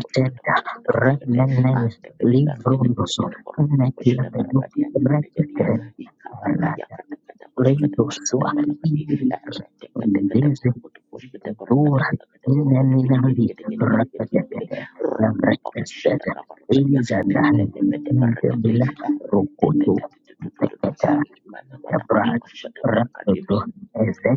S1: pekerti kerja moral kerja boskan ini.
S2: remenen
S1: Ah, demikian kerja tidak boleh
S2: livrundoso
S1: kerja moral kerja boskan barang
S2: nekiabedu
S1: kalian demikian dia.
S2: reketere
S1: Ika kakak
S2: alada
S1: ya kata kerja boskan tidak
S2: Lentosoa
S1: pernah kerja di.
S2: iridi
S1: Ah, kerja kerja
S2: ndezi
S1: moral kerja boskan demoral kerja
S2: dora
S1: moral kerja moral kerja budi gigi
S2: inenirani
S1: gigi gigi gigi gigi gigi gigi.
S2: rakazekete
S1: Orang apa
S2: nabrekesete
S1: masalah kalian?
S2: izadani
S1: Dendamnya berarti.
S2: ndebila
S1: Ah, tuh tuh
S2: rokoto
S1: tuh tuh tuh tuh tuh.
S2: teketa
S1: Mana mana mana
S2: tebrad
S1: masyada barakadi.
S2: rakoto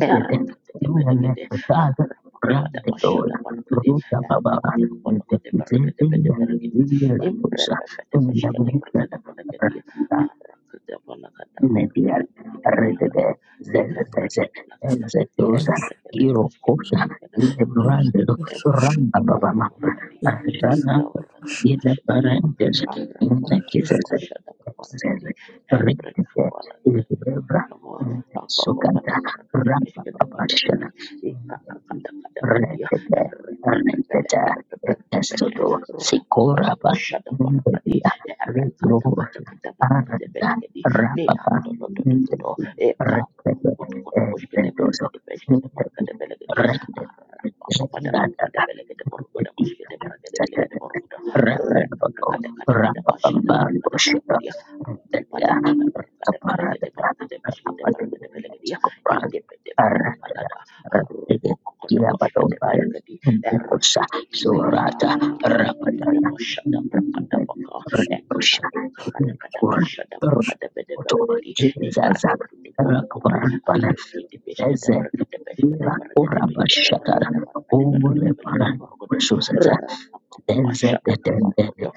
S1: Era kete kebele
S2: inene
S1: kete.
S2: kaza
S1: arah papa pada
S2: rakdor
S1: masyada barakadi.
S2: ruta
S1: Era
S2: baba
S1: kote kebala kote barakade
S2: ndekizeze
S1: bede barakadi.
S2: ndebila
S1: Imbre
S2: tosa
S1: pepe de beskade
S2: ndabrekete
S1: barakade barakadi.
S2: rakata
S1: Ara kete pala kada. Ara
S2: Nebial
S1: kate kete pala kada.
S2: Redede
S1: Nika
S2: Zezeze
S1: berada pala kada.
S2: Ezedosa
S1: Embre kete
S2: Giro
S1: beskade
S2: Kota
S1: barakade barakade.
S3: Asus
S2: Lebrando
S3: Asus Asus
S1: Embre
S3: Asus
S2: Ramba
S1: kote
S2: Babama
S1: kebala kadi.
S3: Asus
S2: Ashana
S1: Ika berada
S2: Gida
S1: masyada
S2: Parendes
S1: barakadi. Ara kate
S2: Nekizeze
S1: masyada barakadi.
S2: Zeze
S1: Embre
S2: Redede
S1: kebole
S2: Lebra
S1: kamu apa apa
S2: Sukata
S1: pada para kata
S2: Ramba
S1: peskan dan para
S2: Babasha
S1: tadi ika kada kada kadia
S2: Rekete, rekete, etesodo,
S1: orang apa pada pasca dan
S2: sikoraba,
S1: pasha dan para kadi
S2: ndedia,
S1: era kada kada
S2: regrohosa,
S1: kada para kata pelak
S2: arda,
S1: kadi nilan
S2: rapapa,
S1: dolo dolo dolo
S2: ndedi,
S1: ika
S2: rekete,
S1: kudu kudu peskan dan para
S2: etedoso,
S1: kata peskan dan para
S2: ndedi,
S1: kata pelak kadi
S2: rekete,
S1: apa apa pada para kata
S2: eladada,
S1: pelak kadi para kata
S2: ndedi,
S1: peskan dan para kata pelak kadi
S2: satete,
S1: para kata reka
S2: rapelabako,
S1: kada kada kada pasca dan para kata pelak
S2: rapapambamboshida,
S1: Rapa
S2: ndedia, rakaparadada, rapadi, skopradi, aradada, Yabadombaya, Ndekosha, Surata, Rapadaya, Rendosha, Kur, Roto, Hizaza, Rakvarpana, Ezet, Ira, Uraba, Shatara, Umulepana, Ususaza,
S1: papa
S2: Ezet,
S1: shut up,
S2: Tendere,
S1: and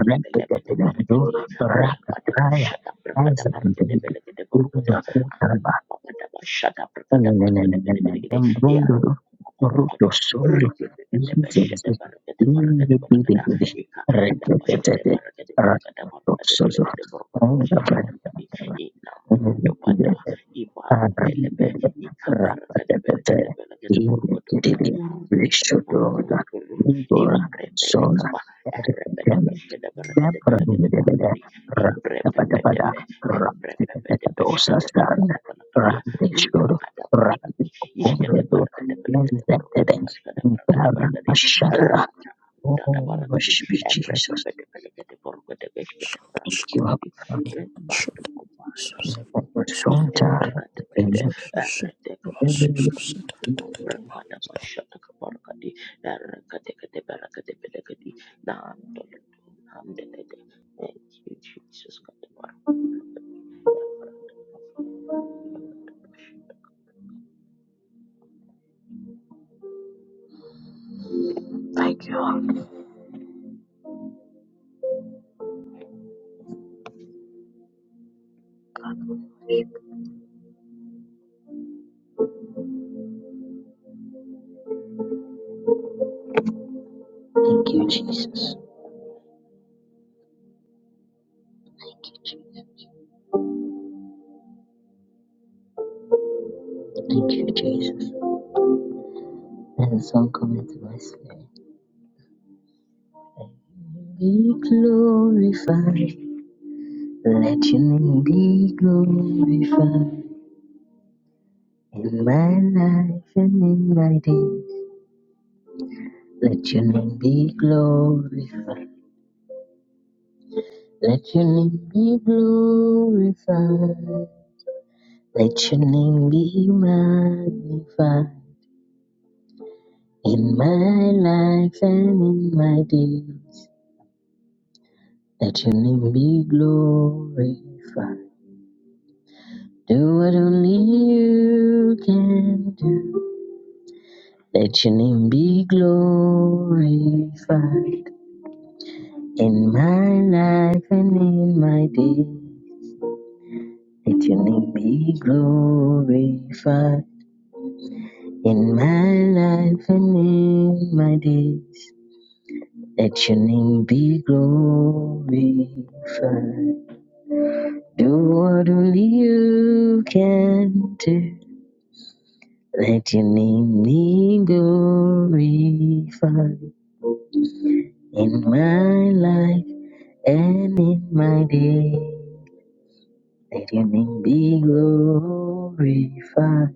S1: the belegate, the belegate, Rapada
S2: Rapataya,
S1: Bashada Brakada
S2: Ezan,
S1: Paragada Belegade Borgoda
S2: Izra,
S1: Ampada Bashada Brakada Borgoda Belegade Yarokodo Rikada Bashada Baragada Paragada Banagada Ikakada Bashada Baragada Borgada Baragada Belegade Borgoda Bashada Baragadi Inamando Pada
S2: Rapatata,
S1: Ibam Belebe Ikaparagada Belegade Belegade Borgodo Uru Uru Uru Uru Imrebele Kaba Arabada Bashada
S2: Oh,
S1: Baragada Belegade Borgodi ब्रेबे पेदे ब्रेबे पेदे ब्रेबे पेदे ब्रेबे शक्ति book the पलक दिया नींद का द परगडी इश्क़ द परगडे पलक द परगडी राजा द परगडी
S2: worship you,
S1: ब्रेबे
S2: Jesus.
S1: पेदे पलक द परगडे ब्रेबे शक्ति
S2: Thank
S1: प्रातः
S2: you, Abba
S1: पकड़ी
S2: Father.
S1: बातु Kumar
S2: Thank you, Abba
S3: Asus
S2: Father.
S3: Asus Asus
S1: Brahmada Bashata Kabarakadi, Erakate Nam Belakadi, Nandolo, Nandelete. Thank you, Jesus. Katabarakadi, Erakadi,
S2: Thank you, Jesus. Thank you, Jesus. Let the song come into my spirit. Be glorified. Let your name be glorified in my life and in my days. Let your name be glorified. Let your name be glorified. Let your name be magnified in my life and in my days. Let your name be glorified. Do what only you can do. Let your name be glorified. In my life and in my day, let your name be glorified. In my life and in my days, let your name be glorified. Do what only you can do. Let your name be glorified. In my life and in my days, let your name be glorified.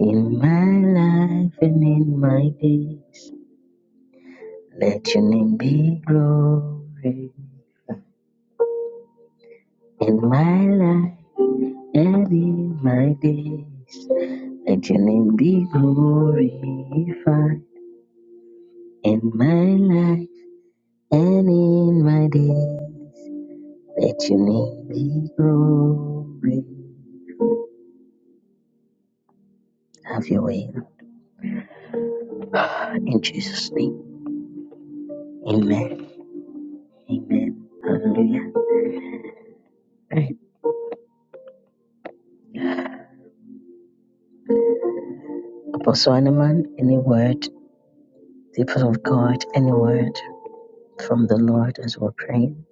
S2: In my life and in my days, let your name be glorified. In my life and in my days, let your name be glorified. In my life and in my days, let your name be glorified. Have your way. Lord. In Jesus' name, amen. Amen. Hallelujah. All Right. Apostle Animan, any word? people of God, any word from the Lord as we're praying?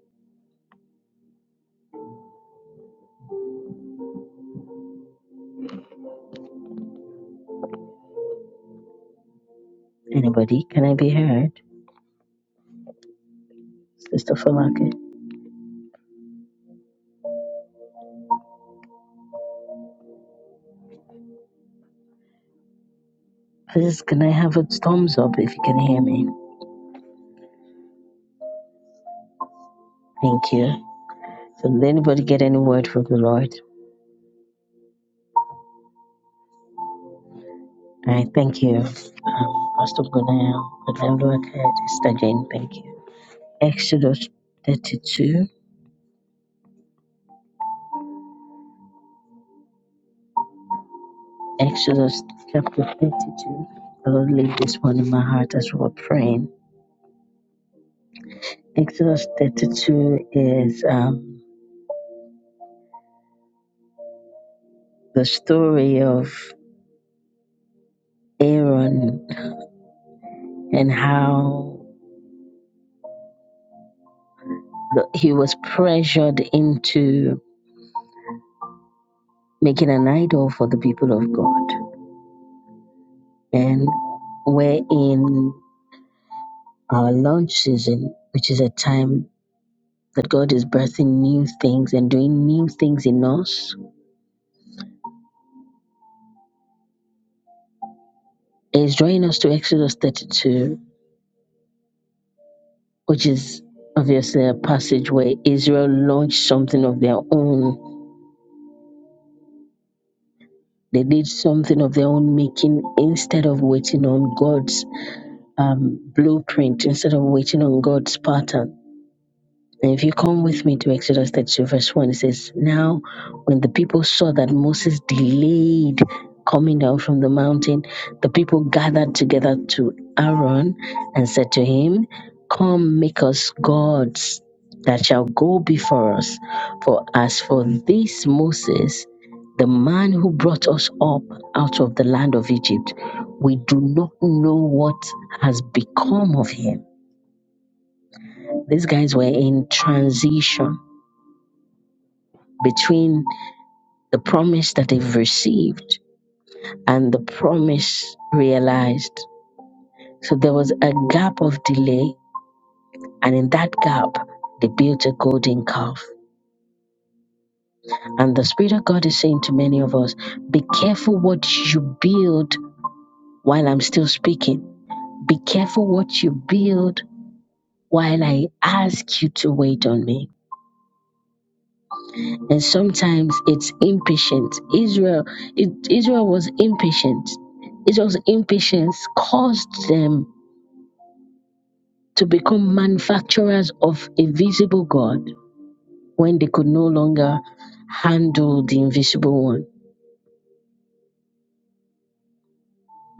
S2: Anybody? Can I be heard? Sister Falake? Please, can I have a thumbs up if you can hear me? Thank you. So, did anybody get any word from the Lord? All right, thank you. Um, Pastor Gunaya, Madam Luakad, Sister Jane, thank you. Exodus 32, Exodus chapter 32. The Lord laid this one in my heart as we were praying. Exodus 32 is um, the story of Aaron and how the- he was pressured into making an idol for the people of God. And we're in our launch season, which is a time that God is birthing new things and doing new things in us. He's drawing us to Exodus 32, which is obviously a passage where Israel launched something of their own. They did something of their own making instead of waiting on God's um, blueprint instead of waiting on God's pattern. And if you come with me to Exodus 32, verse 1, it says, Now when the people saw that Moses delayed coming down from the mountain, the people gathered together to Aaron and said to him, 'Come, make us gods that shall go before us. For as for this Moses, the man who brought us up out of the land of Egypt, we do not know what has become of him. These guys were in transition between the promise that they've received and the promise realized. So there was a gap of delay, and in that gap, they built a golden calf. And the Spirit of God is saying to many of us be careful what you build while I'm still speaking. Be careful what you build while I ask you to wait on me and sometimes it's impatient. Israel, it, Israel was impatient. Israel's impatience caused them to become manufacturers of a visible God when they could no longer handle the invisible one.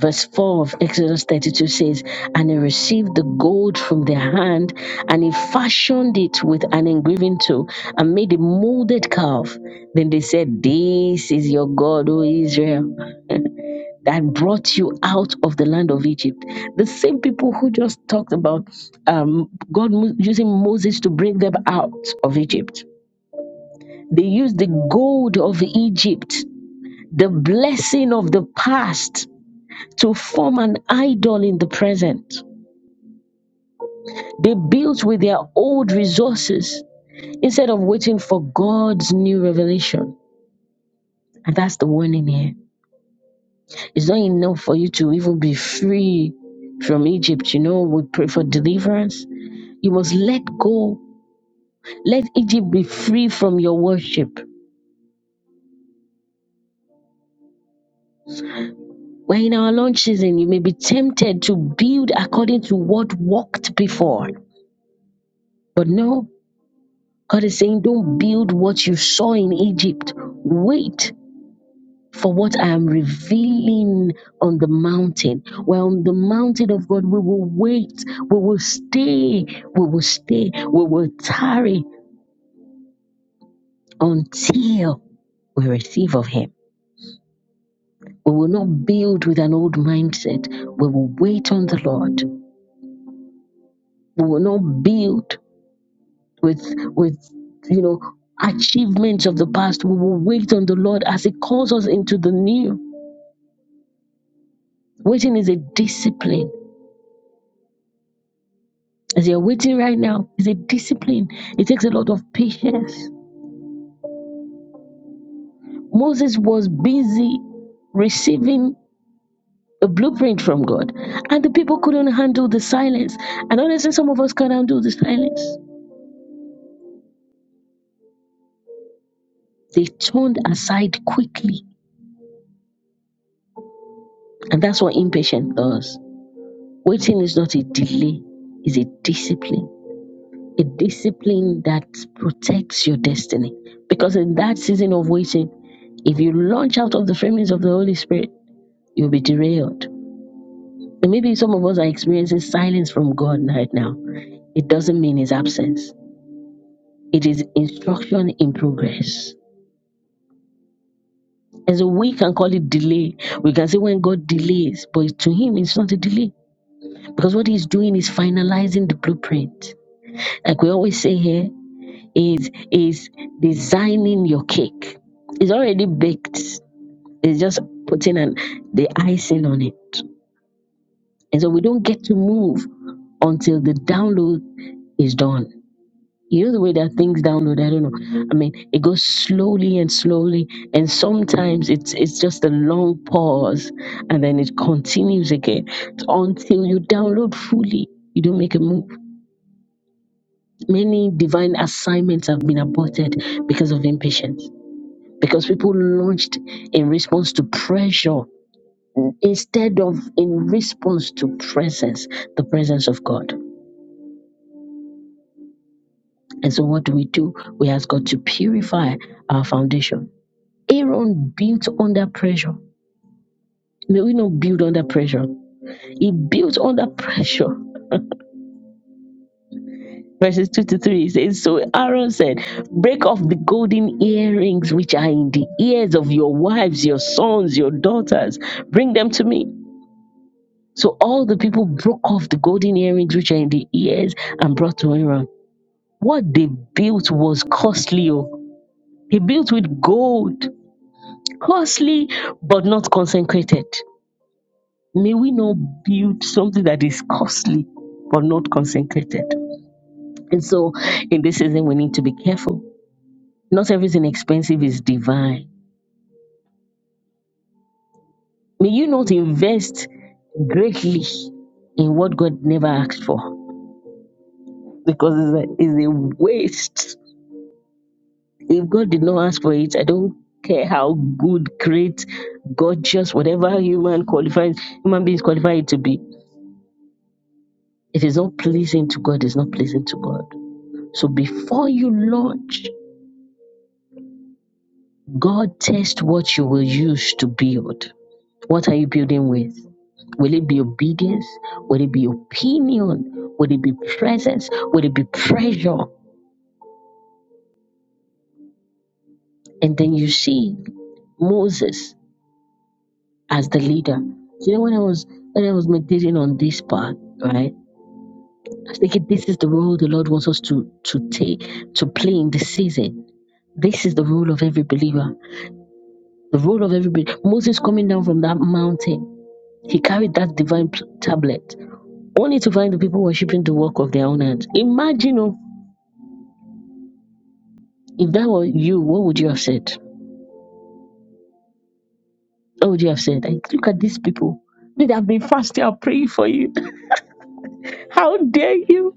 S2: Verse 4 of Exodus 32 says, And he received the gold from their hand, and he fashioned it with an engraving tool, and made a molded calf. Then they said, 'This is your God, O Israel, [LAUGHS] that brought you out of the land of Egypt. The same people who just talked about um, God mo- using Moses to bring them out of Egypt. They used the gold of Egypt, the blessing of the past to form an idol in the present. They built with their old resources instead of waiting for God's new revelation. And that's the warning here. It's not enough for you to even be free from Egypt. You know, we pray for deliverance. You must let go. Let Egypt be free from your worship. When in our launch season, you may be tempted to build according to what worked before. But no, God is saying, don't build what you saw in Egypt. Wait for what I am revealing on the mountain. Well, on the mountain of God, we will wait, we will stay, we will stay, we will tarry until we receive of Him. We will not build with an old mindset. We will wait on the Lord. We will not build with with you know achievements of the past. We will wait on the Lord as He calls us into the new. Waiting is a discipline. As you're waiting right now, it's a discipline. It takes a lot of patience. Moses was busy receiving a blueprint from God, and the people couldn't handle the silence. And honestly, some of us can't handle the silence. They turned aside quickly, and that's what impatience does. Waiting is not a delay, it's a discipline. A discipline that protects your destiny. Because in that season of waiting, if you launch out of the framings of the Holy Spirit, you'll be derailed And maybe some of us are experiencing silence from God right now. It doesn't mean his absence, it is instruction in progress. And so we can call it delay. We can say when God delays, but to him, it's not a delay because what he's doing is finalizing the blueprint. Like we always say here, is is designing your cake. It's already baked. It's just putting an, the icing on it. And so we don't get to move until the download is done. You know the way that things download. I don't know. I mean, it goes slowly and slowly, and sometimes it's it's just a long pause, and then it continues again until you download fully. You don't make a move. Many divine assignments have been aborted because of impatience, because people launched in response to pressure instead of in response to presence, the presence of God. And so, what do we do? We ask God to purify our foundation Aaron built under pressure. May we not build under pressure. He built under pressure. Verses 2 to 3 it says, So Aaron said, Break off the golden earrings which are in the ears of your wives, your sons, your daughters. Bring them to me. So all the people broke off the golden earrings which are in the ears and brought to Aaron. What they built was costly. oh. He built with gold, costly, but not consecrated. May we not build something that is costly but not consecrated. And so in this season, we need to be careful. Not everything expensive is divine. May you not invest greatly in what God never asked for because it's a, it's a waste. If God did not ask for it, I don't care how good, great, gorgeous, whatever human qualifies, human beings qualify it to be. It is not pleasing to God, it's not pleasing to God. So before you launch, God tests what you will use to build. What are you building with? Will it be obedience? Will it be opinion? Will it be presence? Will it be pressure? And then you see Moses as the leader. You know when I was when I was meditating on this part, right? I was thinking this is the role the Lord wants us to to take to play in the season. This is the role of every believer. The role of every believer. Moses coming down from that mountain, he carried that divine pl- tablet Only to find the people worshipping the work of their own hands. Imagine oh, if that were you, what would you have said? What would you have said? Like, look at these people. They have been fasting and praying for you. [LAUGHS] How dare you?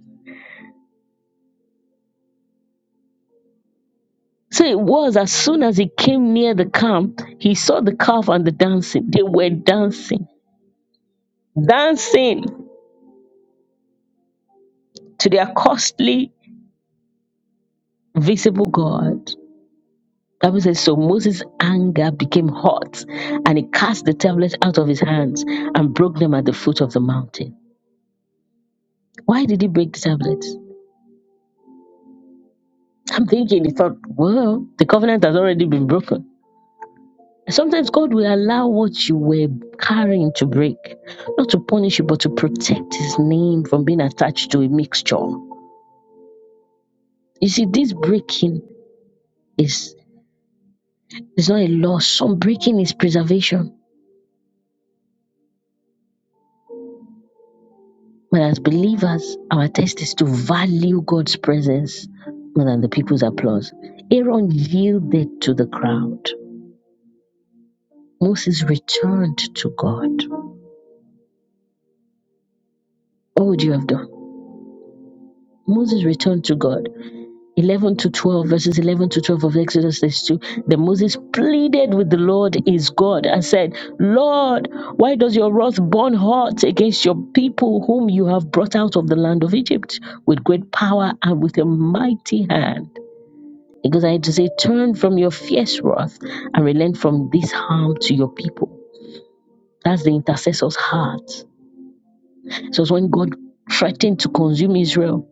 S2: So it was as soon as he came near the camp, he saw the calf and the dancing. They were dancing, dancing to their costly visible God. The Bible says, So Moses' anger became hot, and he cast the tablets out of his hands and broke them at the foot of the mountain. Why did he break the tablets? I'm thinking he thought, well, the covenant has already been broken. Sometimes God will allow what you were carrying to break, not to punish you, but to protect his name from being attached to a mixture. You see, this breaking is, is not a loss. Some breaking is preservation. But as believers, our test is to value God's presence more than the people's applause. Aaron yielded to the crowd. Moses returned to God. What would you have done? Moses returned to God. 11 to 12, verses 11 to 12 of Exodus 32. Then Moses pleaded with the Lord his God and said, Lord, why does your wrath burn hot against your people whom you have brought out of the land of Egypt with great power and with a mighty hand? He goes ahead to say, Turn from your fierce wrath and relent from this harm to your people. That's the intercessor's heart. So it's when God threatened to consume Israel,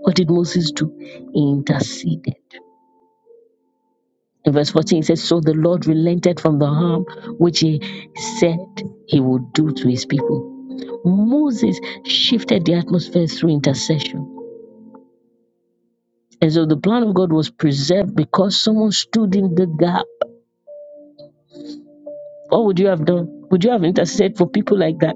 S2: what did Moses do? He interceded. In verse 14, it says, So the Lord relented from the harm which he said he would do to his people. Moses shifted the atmosphere through intercession. And so the plan of God was preserved because someone stood in the gap. What would you have done? Would you have interceded for people like that?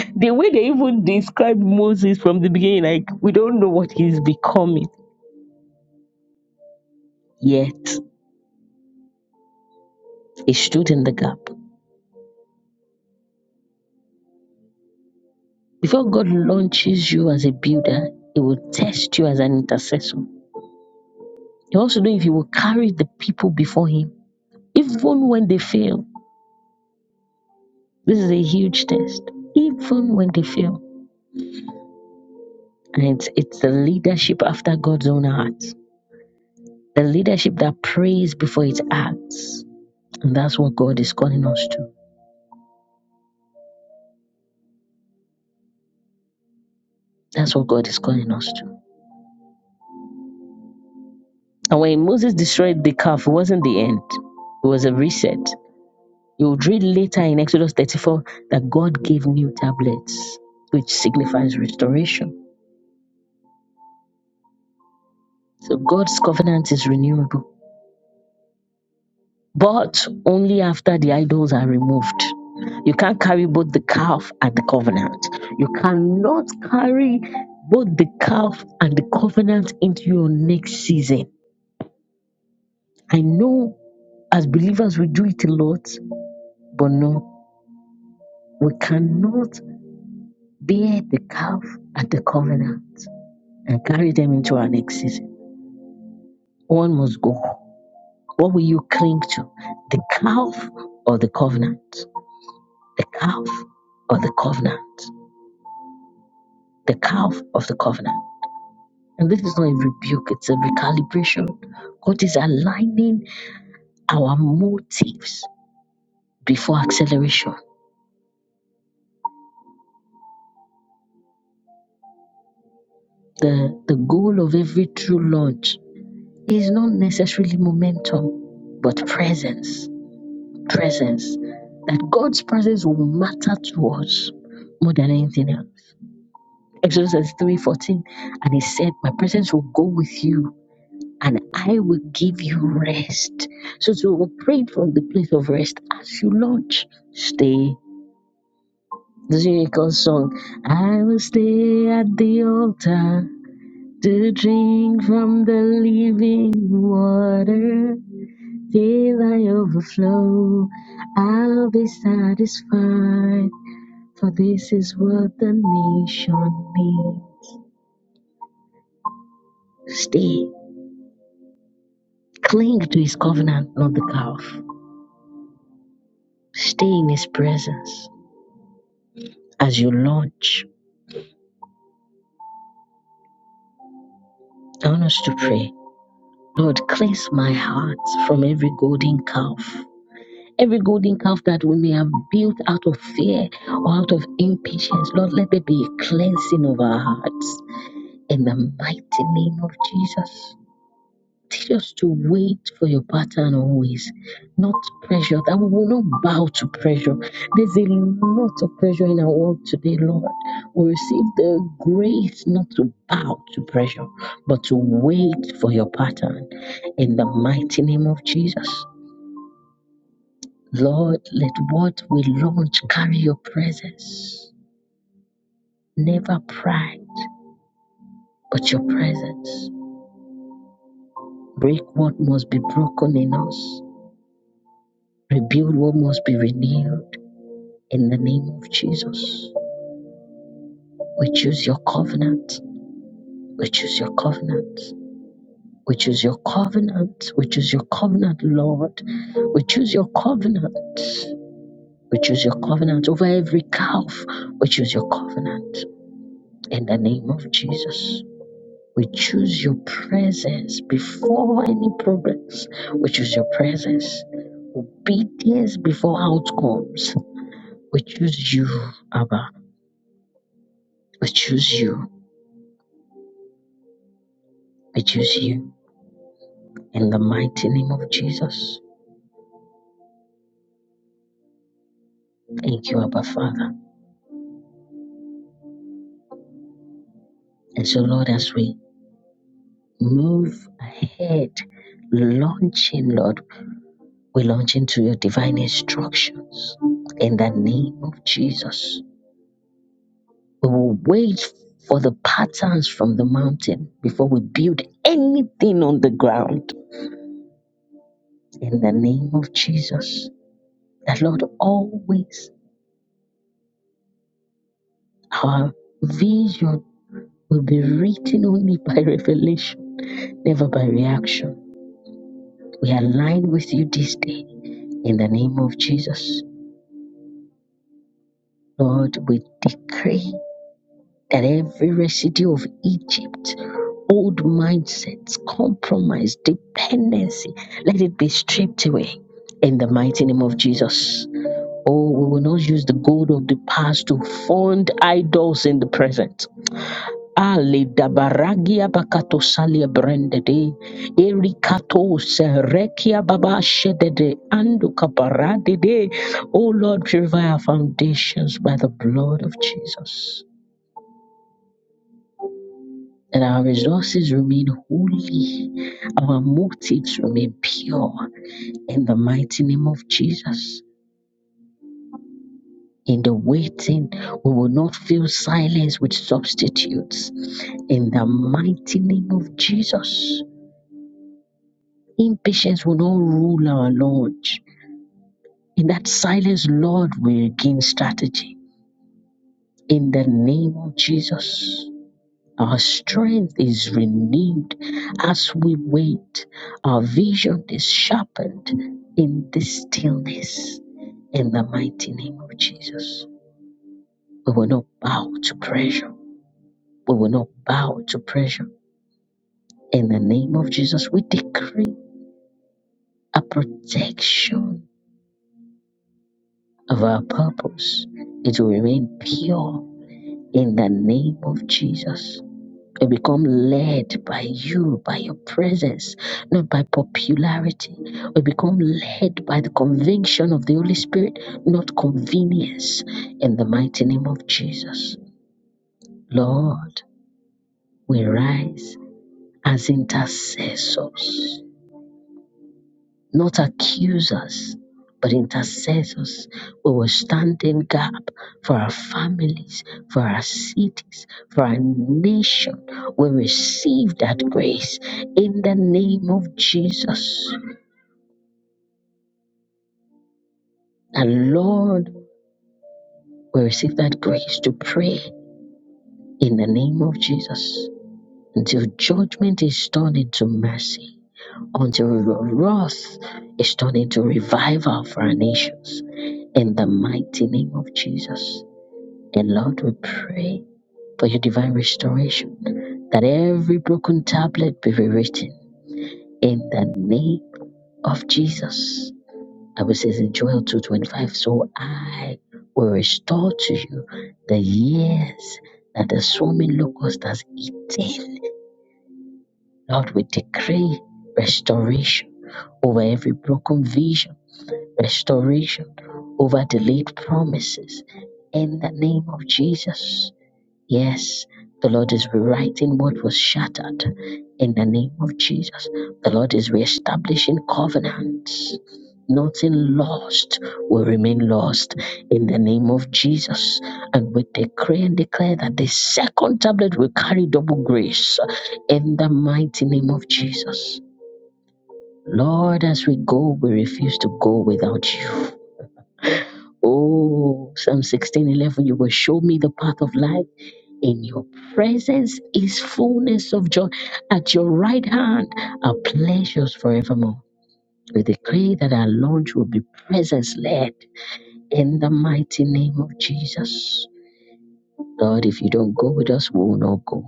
S2: [LAUGHS] the way they even described Moses from the beginning, like, we don't know what he's becoming. Yet, he stood in the gap. Before God launches you as a builder, he will test you as an intercessor. He wants to know if he will carry the people before him, even when they fail. This is a huge test, even when they fail. And it's, it's the leadership after God's own heart, the leadership that prays before it acts. And that's what God is calling us to. That's what God is calling us to. And when Moses destroyed the calf, it wasn't the end, it was a reset. You will read later in Exodus 34 that God gave new tablets, which signifies restoration. So God's covenant is renewable. but only after the idols are removed. You can't carry both the calf and the covenant. You cannot carry both the calf and the covenant into your next season. I know as believers we do it a lot, but no, we cannot bear the calf and the covenant and carry them into our next season. One must go. What will you cling to? The calf or the covenant? The calf or the covenant? the calf of the covenant. And this is not a rebuke, it's a recalibration. God is aligning our motives before acceleration. The, the goal of every true launch is not necessarily momentum, but presence. Presence. That God's presence will matter to us more than anything else. Exodus 3 14, and he said, My presence will go with you and I will give you rest. So to operate from the place of rest as you launch, stay. The Jericho song, I will stay at the altar to drink from the living water till I overflow. I'll be satisfied, for this is what the nation needs. Stay. Cling to his covenant, not the calf. Stay in his presence As you launch, I want us to pray. Lord, cleanse my heart from every golden calf. Every golden calf that we may have built out of fear or out of impatience, Lord, let there be a cleansing of our hearts in the mighty name of Jesus. Teach us to wait for your pattern always, not pressure, that we will not bow to pressure. There's a lot of pressure in our world today, Lord. We receive the grace not to bow to pressure, but to wait for your pattern. In the mighty name of Jesus, Lord, let what we launch carry your presence. Never pride, but your presence. Break what must be broken in us, rebuild what must be renewed. In the name of Jesus, we choose your covenant. We choose your covenant. We choose your covenant. We choose your covenant, Lord. We choose your covenant. We choose your covenant over every calf. We choose your covenant. In the name of Jesus. We choose your presence before any progress. We choose your presence. Obedience before outcomes. We choose you, Abba. We choose you. We choose you. In the mighty name of Jesus. Thank you, Abba Father. And so, Lord, as we move ahead, launching, Lord, we launch into your divine instructions. In the name of Jesus. We will wait for the patterns from the mountain before we build anything on the ground. In the name of Jesus. That, Lord, always our vision will be written only by revelation, never by reaction We align with you this day in the name of Jesus. Lord, we decree that every residue of Egypt, old mindsets, compromise, dependency, let it be stripped away in the mighty name of Jesus. Oh, we will not use the gold of the past to fund idols in the present. Ale dabaragia bakato salia brendede, erikato serekia baba shedede, andu kabaradede. Oh Lord, purify our foundations by the blood of Jesus. That our resources remain holy, our motives remain pure in the mighty name of Jesus. In the waiting, we will not fill silence with substitutes. In the mighty name of Jesus. Impatience will not rule our Lord. In that silence, Lord, we gain strategy. In the name of Jesus, our strength is renewed as we wait. Our vision is sharpened in this stillness. In the mighty name of Jesus, we will not bow to pressure. We will not bow to pressure. In the name of Jesus, we decree a protection Our purpose is to remain pure in the name of Jesus. We become led by you, by your presence, not by popularity. We become led by the conviction of the Holy Spirit, not convenience, in the mighty name of Jesus. Lord, we rise as intercessors not accusers, but intercessors. We will stand in gap for our families, for our cities, for our nation. We receive that grace in the name of Jesus. And Lord, we receive that grace to pray in the name of Jesus until judgment is turned into mercy, until wrath is turned into revival for our nations in the mighty name of Jesus. And Lord, we pray for your divine restoration, that every broken tablet be rewritten in the name of Jesus. I will say in Joel 2.25, so I will restore to you the years that the swarming locust has eaten. Lord, we decree restoration over every broken vision, restoration over delayed promises in the name of Jesus. Yes, the Lord is rewriting what was shattered in the name of Jesus. The Lord is reestablishing covenants. Nothing lost will remain lost in the name of Jesus. And we decree and declare that the second tablet will carry double grace in the mighty name of Jesus. Lord, as we go, we refuse to go without you. Oh, Psalm 16, 11. you will show me the path of life. In your presence is fullness of joy. At your right hand are pleasures forevermore. We decree that our launch will be presence led in the mighty name of Jesus. Lord, if you don't go with us, we will not go.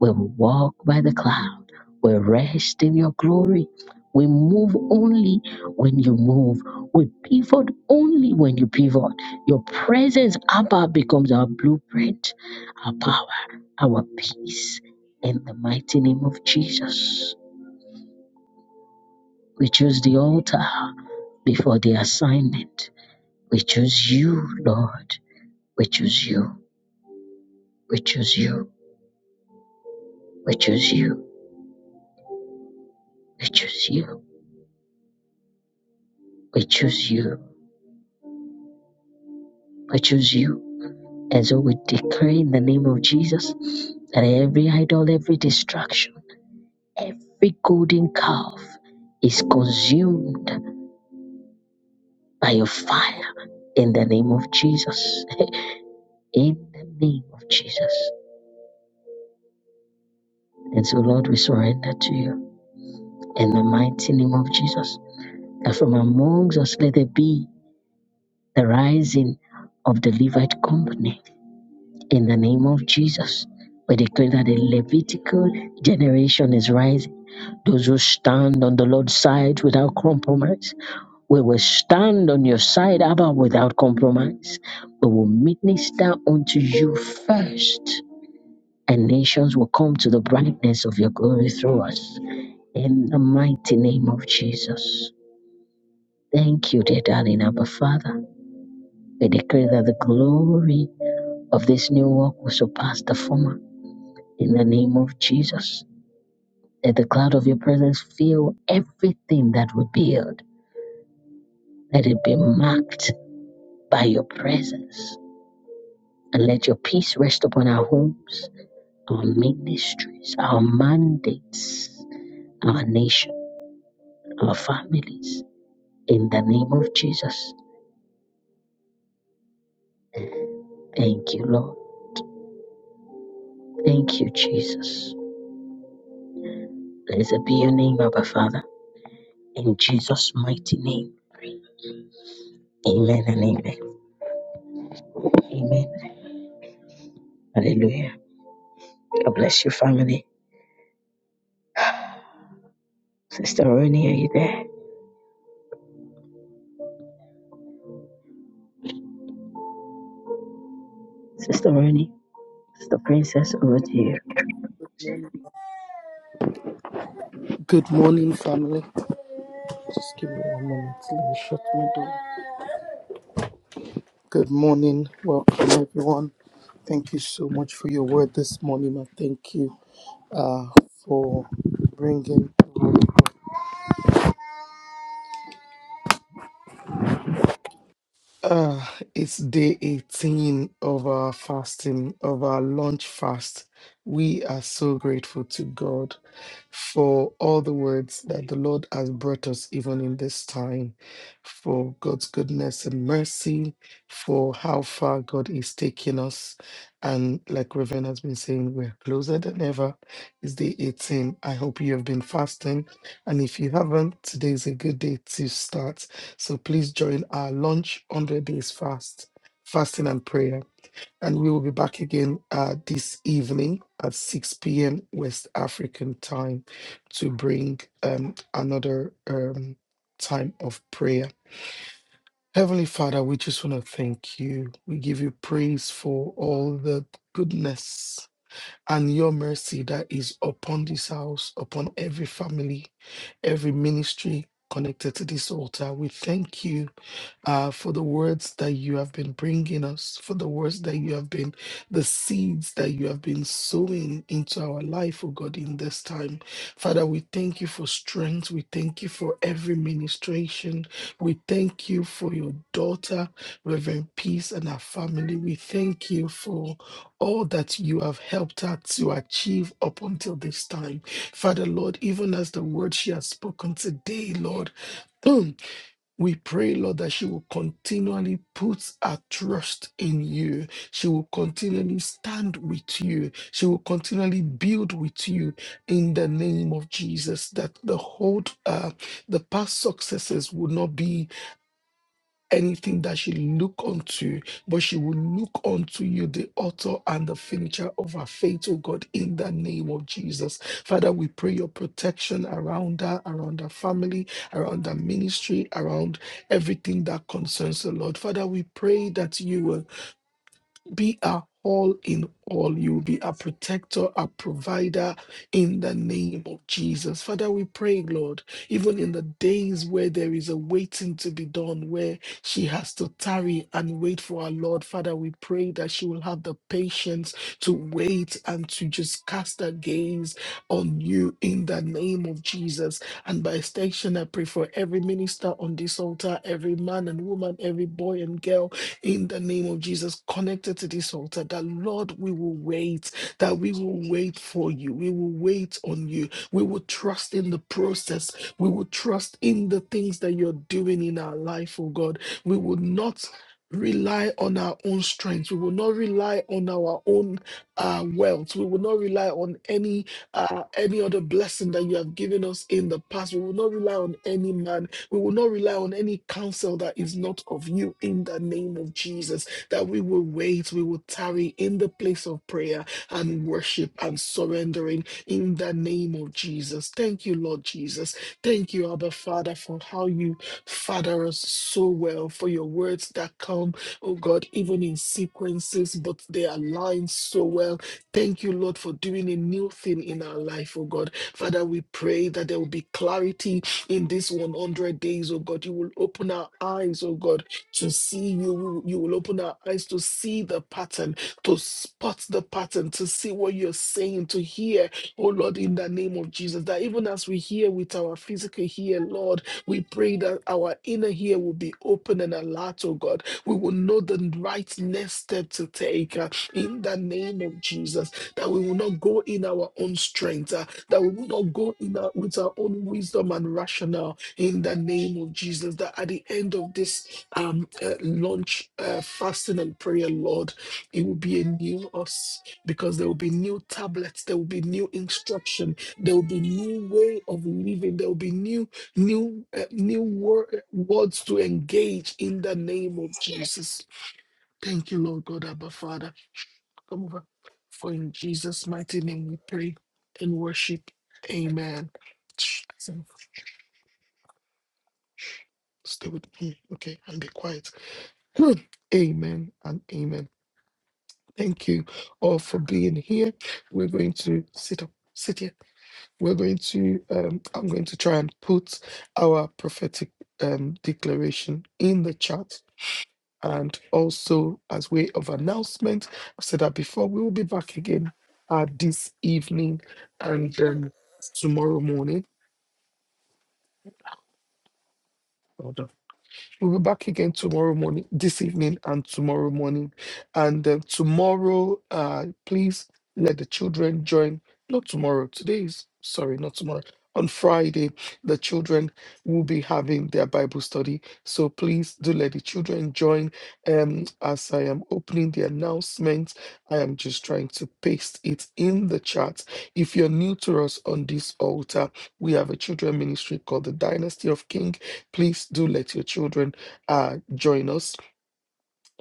S2: We walk by the cloud. We rest in your glory. We move only when you move. We pivot only when you pivot. Your presence, Abba, becomes our blueprint, our power, our peace. In the mighty name of Jesus, we choose the altar before the assignment. We choose you, Lord. We choose you. We choose you. We choose you. We choose you. We choose you. We choose you. And so we declare in the name of Jesus that every idol, every distraction, every golden calf is consumed by your fire in the name of Jesus. [LAUGHS] in the name of Jesus. And so, Lord, we surrender to you in the mighty name of Jesus. That from amongst us let there be the rising of the Levite company in the name of Jesus. We declare that the Levitical generation is rising Those who stand on the Lord's side without compromise, we will stand on your side, Abba, without compromise. We will minister unto you first, and nations will come to the brightness of your glory through us. In the mighty name of Jesus. Thank you, dear darling Abba Father. We declare that the glory of this new work will surpass the former. In the name of Jesus, let the cloud of your presence fill everything that we build Let it be marked by your presence. And let your peace rest upon our homes, our ministries, our mandates, our nation, our families. In the name of Jesus. Thank you, Lord. Thank you, Jesus. Blessed be your name, Abba Father. In Jesus' mighty name. Amen and amen. Amen. Hallelujah. God bless your family. Sister Ronnie, are you there? Sister Ronnie, Sister Princess, over to you.
S5: Morning. Good morning, family. Just give me one moment. Let me shut my door. Good morning. Welcome, everyone. Thank you so much for your word this morning. I thank you uh, for bringing. Uh, it's day 18 of our fasting, of our lunch fast. We are so grateful to God for all the words that the Lord has brought us, even in this time, for God's goodness and mercy, for how far God is taking us. And like Reverend has been saying, we're closer than ever. It's day 18. I hope you have been fasting. And if you haven't, today is a good day to start so please join our launch 100 days fast, fasting and prayer. And we will be back again uh, this evening at 6 p.m. West African time to bring um, another um, time of prayer. Heavenly Father, we just want to thank you. We give you praise for all the goodness and your mercy that is upon this house, upon every family, every ministry connected to this altar. We thank you uh, for the words that you have been bringing us, for the words that you have been, the seeds that you have been sowing into our life, oh God, in this time. Father, we thank you for strength. We thank you for every ministration. We thank you for your daughter, Reverend Peace, and her family. We thank you for all that you have helped her to achieve up until this time. Father, Lord, even as the word she has spoken today, Lord. [CLEARS THROAT] We pray, Lord, that she will continually put her trust in you. She will continually stand with you. She will continually build with you in the name of Jesus. That the hold, uh, the past successes will not be anything that she look unto, but she will look unto you, the author and the finisher of her faith, oh God, in the name of Jesus. Father, we pray your protection around her, around her family, around her ministry, around everything that concerns the Lord. Father, we pray that you will be a all in all. You'll be a protector, a provider in the name of Jesus. Father, we pray, Lord, even in the days where there is a waiting to be done, where she has to tarry and wait for our Lord, Father, we pray that she will have the patience to wait and to just cast her gaze on you in the name of Jesus. And by extension, I pray for every minister on this altar, every man and woman, every boy and girl in the name of Jesus connected to this altar that Lord, we will wait, that we will wait for you. We will wait on you. We will trust in the process. We will trust in the things that you're doing in our life, oh God. We will not rely on our own strength. We will not rely on our own uh, wealth. We will not rely on any uh, any other blessing that you have given us in the past. We will not rely on any man we will not rely on any counsel that is not of you in the name of Jesus. That we will wait, we will tarry in the place of prayer and worship and surrendering in the name of Jesus. Thank you, Lord Jesus. Thank you, Abba Father, for how you father us so well, for your words that come, oh God, even in sequences, but they align so well. Thank you, Lord, for doing a new thing in our life, oh God. Father, we pray that there will be clarity in this 100 days, oh God. You will open our eyes, oh God, to see you. You you will open our eyes to see the pattern, to spot the pattern, to see what you're saying, to hear, oh Lord, in the name of Jesus. That even as we hear with our physical ear, Lord, we pray that our inner ear will be open and alert, oh God. We will know the right next step to take uh, in the name of Jesus. That we will not go in our own strength, uh, that we would not go in our, with our own wisdom and rationale in the name of Jesus. That at the end of this um, uh, launch uh, fasting and prayer, Lord, it will be a new us because there will be new tablets, there will be new instruction, there will be new way of living, there will be new new uh, new wor- words to engage in the name of Jesus. Thank you, Lord God, Abba Father. Come over. For in Jesus' mighty name we pray and worship. Amen. Shh, so Stay with me, okay, and be quiet. [CLEARS THROAT] Hmm. amen and amen. Thank you all for being here. We're going to sit up, sit here. We're going to, um, I'm going to try and put our prophetic um, declaration in the chat And also, as way of announcement, I said that before we will be back again uh, this evening and um, tomorrow morning. Hold on. We'll be back again tomorrow morning, this evening, and tomorrow morning. And uh, tomorrow, uh, please let the children join. Not tomorrow. Today is sorry, not tomorrow. On Friday, the children will be having their Bible study. So please do let the children join. Um, as I am opening the announcement, I am just trying to paste it in the chat. If you're new to us on this altar, we have a children ministry called the Dynasty of King. Please do let your children uh, join us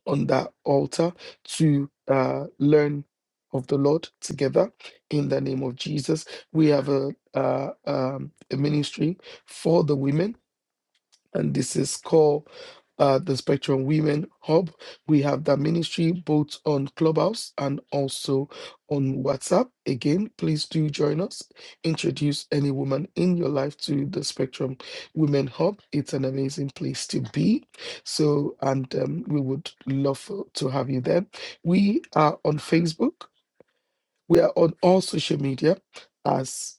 S5: on that altar to uh, learn of the Lord together in the name of Jesus. We have a, uh, um, a ministry for the women and this is called uh, the Spectrum Women Hub. We have that ministry both on Clubhouse and also on WhatsApp. Again, please do join us. Introduce any woman in your life to the Spectrum Women Hub. It's an amazing place to be. So, and um, we would love for, to have you there. We are on Facebook. We are on all social media as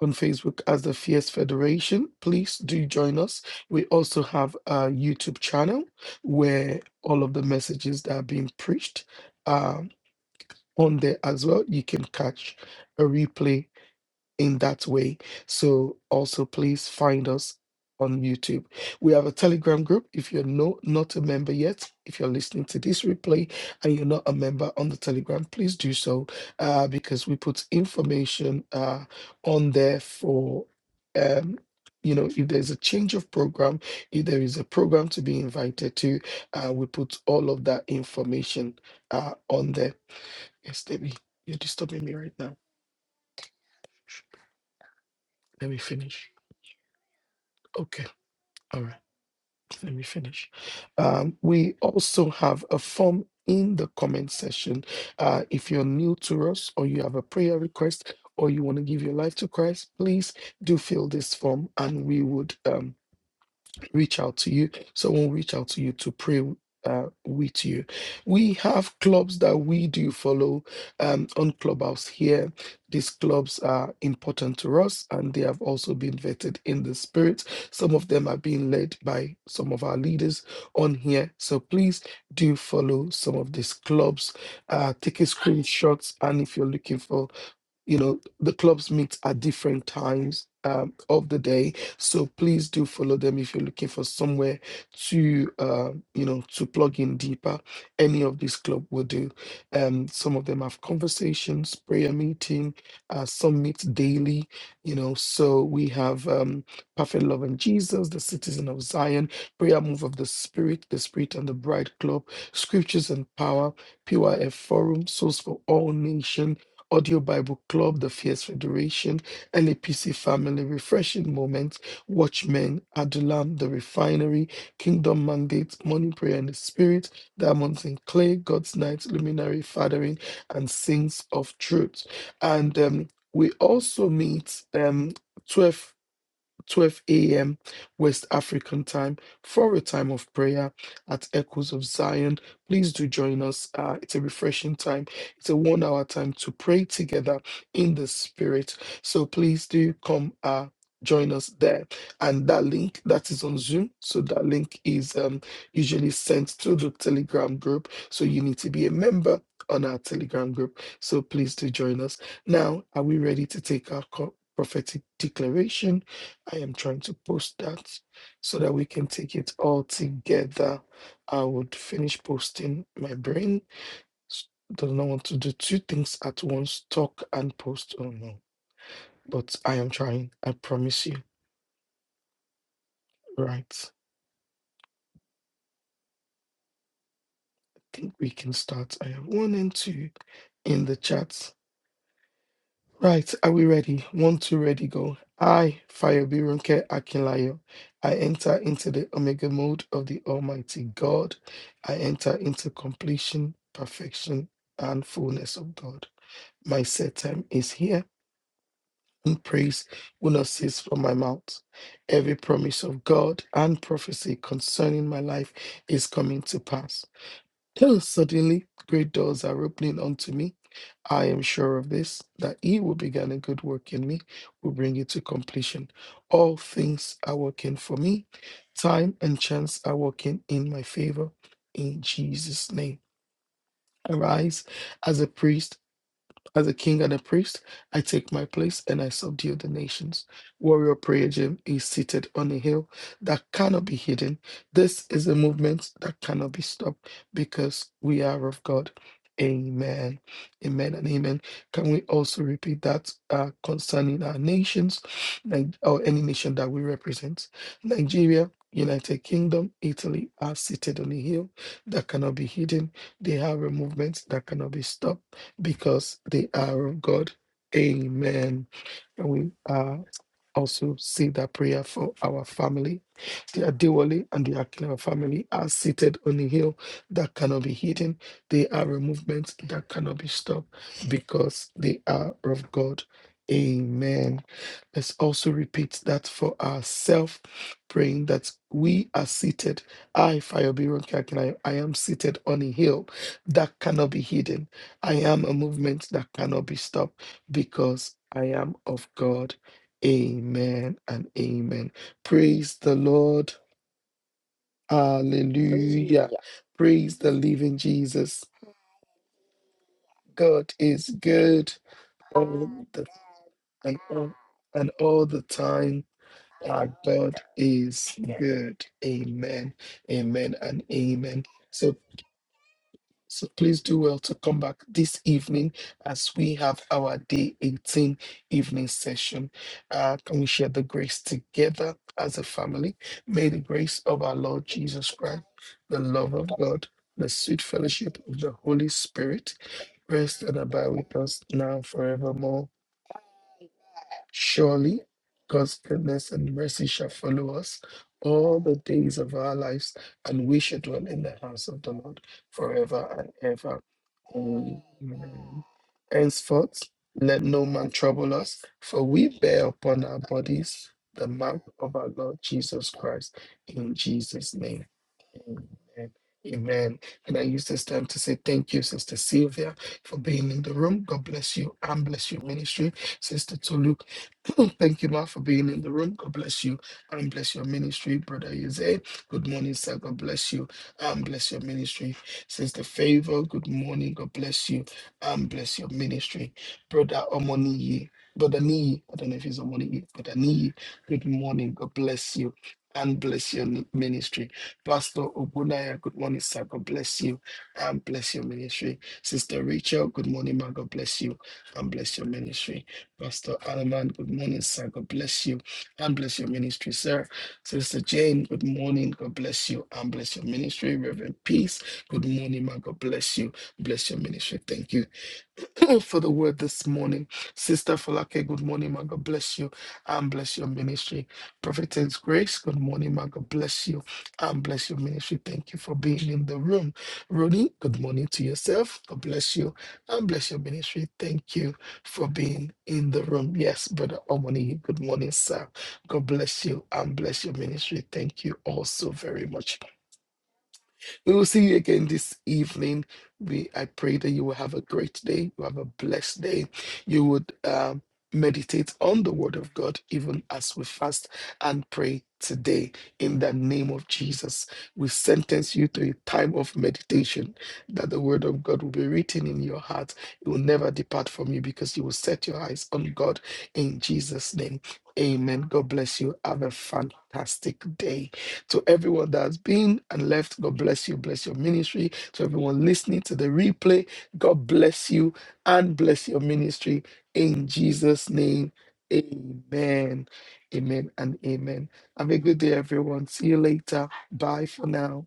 S5: on Facebook as the Fierce Federation. Please do join us. We also have a YouTube channel where all of the messages that are being preached are on there as well. You can catch a replay in that way. So also please find us on YouTube. We have a Telegram group. If you're no, not a member yet, if you're listening to this replay and you're not a member on the Telegram, please do so uh, because we put information uh, on there for. Um, you know, if there's a change of program, if there is a program to be invited to, uh, we put all of that information uh, on there. Yes, Debbie, you're disturbing me right now. Let me finish. Okay. All right. let me finish. Um, we also have a form in the comment section. Uh, if you're new to us or you have a prayer request or you want to give your life to Christ, please do fill this form and we would um, reach out to you. Someone will reach out to you to pray uh, with you. We have clubs that we do follow um, on Clubhouse here. These clubs are important to us and they have also been vetted in the spirit. Some of them are being led by some of our leaders on here. So please do follow some of these clubs. Uh, take a screenshot. And if you're looking for you know the clubs meet at different times um, of the day so please do follow them if you're looking for somewhere to uh, you know to plug in deeper any of these club will do um, some of them have conversations prayer meeting uh, some meet daily you know so we have um, perfect love and jesus the citizen of zion prayer move of the spirit the spirit and the bride club scriptures and power pyf forum source for all Nation. Audio Bible Club, the Fierce Federation, LAPC Family, Refreshing Moments, Watchmen, Adulam, The Refinery, Kingdom Mandate, Morning Prayer and the Spirit, Diamonds in Clay, God's Night, Luminary Fathering, and Sings of Truth. And um, we also meet um, 12. 12 a.m. West African time for a time of prayer at Echoes of Zion. Please do join us. Uh, it's a refreshing time. It's a one hour time to pray together in the spirit. So please do come uh, join us there. And that link that is on Zoom. So that link is um, usually sent to the Telegram group. So you need to be a member on our Telegram group. So please do join us. Now, are we ready to take our co- prophetic declaration? I am trying to post that so that we can take it all together. I would finish posting. My brain s- does not want to do two things at once talk and post. Oh no. But I am trying. I promise you. Right. I think we can start. I have one and two in the chat. Right, are we ready? One, two, ready, go. I, Fayobi Runke Akinlayo, I enter into the omega mode of the Almighty God. I enter into completion, perfection, and fullness of God. My set time is here, and praise will not cease from my mouth. Every promise of God and prophecy concerning my life is coming to pass. [CLEARS THROAT] Suddenly, great doors are opening unto me. I am sure of this, that he who began a good work in me will bring it to completion. All things are working for me. Time and chance are working in my favor. In Jesus' name. Arise as a priest as a king and a priest, I take my place and I subdue the nations. Warrior Prayer Gym is seated on a hill that cannot be hidden. This is a movement that cannot be stopped because we are of God. Amen. Amen and amen. Can we also repeat that uh, concerning our nations Nig- or any nation that we represent? Nigeria, United Kingdom, Italy are seated on a hill that cannot be hidden. They have a movement that cannot be stopped because they are of God. Amen. And we are also say that prayer for our family. The Adewale and the Akinawa family are seated on a hill that cannot be hidden. They are a movement that cannot be stopped because they are of God. Amen. Let's also repeat that for ourselves, praying that we are seated. I, Fayobiron Kakina, I am seated on a hill that cannot be hidden. I am a movement that cannot be stopped because I am of God. Amen and amen. Praise the Lord. Hallelujah. Hallelujah. Praise the living Jesus. God is good all the and all, and all the time. Our God is good. Amen. Amen and amen. So. So please do well to come back this evening as we have our day 18 evening session. Uh, can we share the grace together as a family? May the grace of our Lord Jesus Christ, the love of God, the sweet fellowship of the Holy Spirit rest and abide with us now and forevermore. Surely God's goodness and mercy shall follow us all the days of our lives, and we shall dwell in the house of the Lord forever and ever. Amen. Henceforth, let no man trouble us, for we bear upon our bodies the mark of our Lord Jesus Christ. In Jesus' name. Amen. Amen. And I use this time to say thank you, Sister Sylvia, for being in the room. God bless you and bless your ministry. Sister Tolu, [CLEARS THROAT] thank you, Ma, for being in the room. God bless you and bless your ministry. Brother Jose, good morning, sir. God bless you and bless your ministry. Sister Favor, good morning. God bless you and bless your ministry. Brother Omoniyi, Brother Niyi, I don't know if he's Omoniyi, Brother Niyi, good morning. God bless you and bless your ministry. Pastor Obunaya, good morning, sir. God bless you and bless your ministry. Sister Rachel, good morning, man. God bless you and bless your ministry. Pastor Alaman, good morning, sir. God bless you and bless your ministry, sir. Sister Jane, good morning. God bless you and bless your ministry. Reverend Peace, good morning, man. God bless you. Bless your ministry. Thank you. [CLEARS THROAT] for the word this morning. Sister Falake, good morning, my God bless you and bless your ministry. Prophetess Grace, good morning, my God bless you and bless your ministry. Thank you for being in the room. Ronnie, good morning to yourself. God bless you and bless your ministry. Thank you for being in the room. Yes, Brother Omoni, good morning, sir. God bless you and bless your ministry. Thank you all so very much. We will see you again this evening. We I pray that you will have a great day. You have a blessed day. You would um, meditate on the word of God even as we fast and pray today in the name of Jesus. We sentence you to a time of meditation that the word of God will be written in your heart. It will never depart from you because you will set your eyes on God in Jesus' name. Amen. God bless you. Have a fantastic day. To everyone that's been and left, God bless you, bless your ministry. To everyone listening to the replay, God bless you and bless your ministry in Jesus' name. Amen. Amen and amen. Have a good day, everyone. See you later. Bye for now.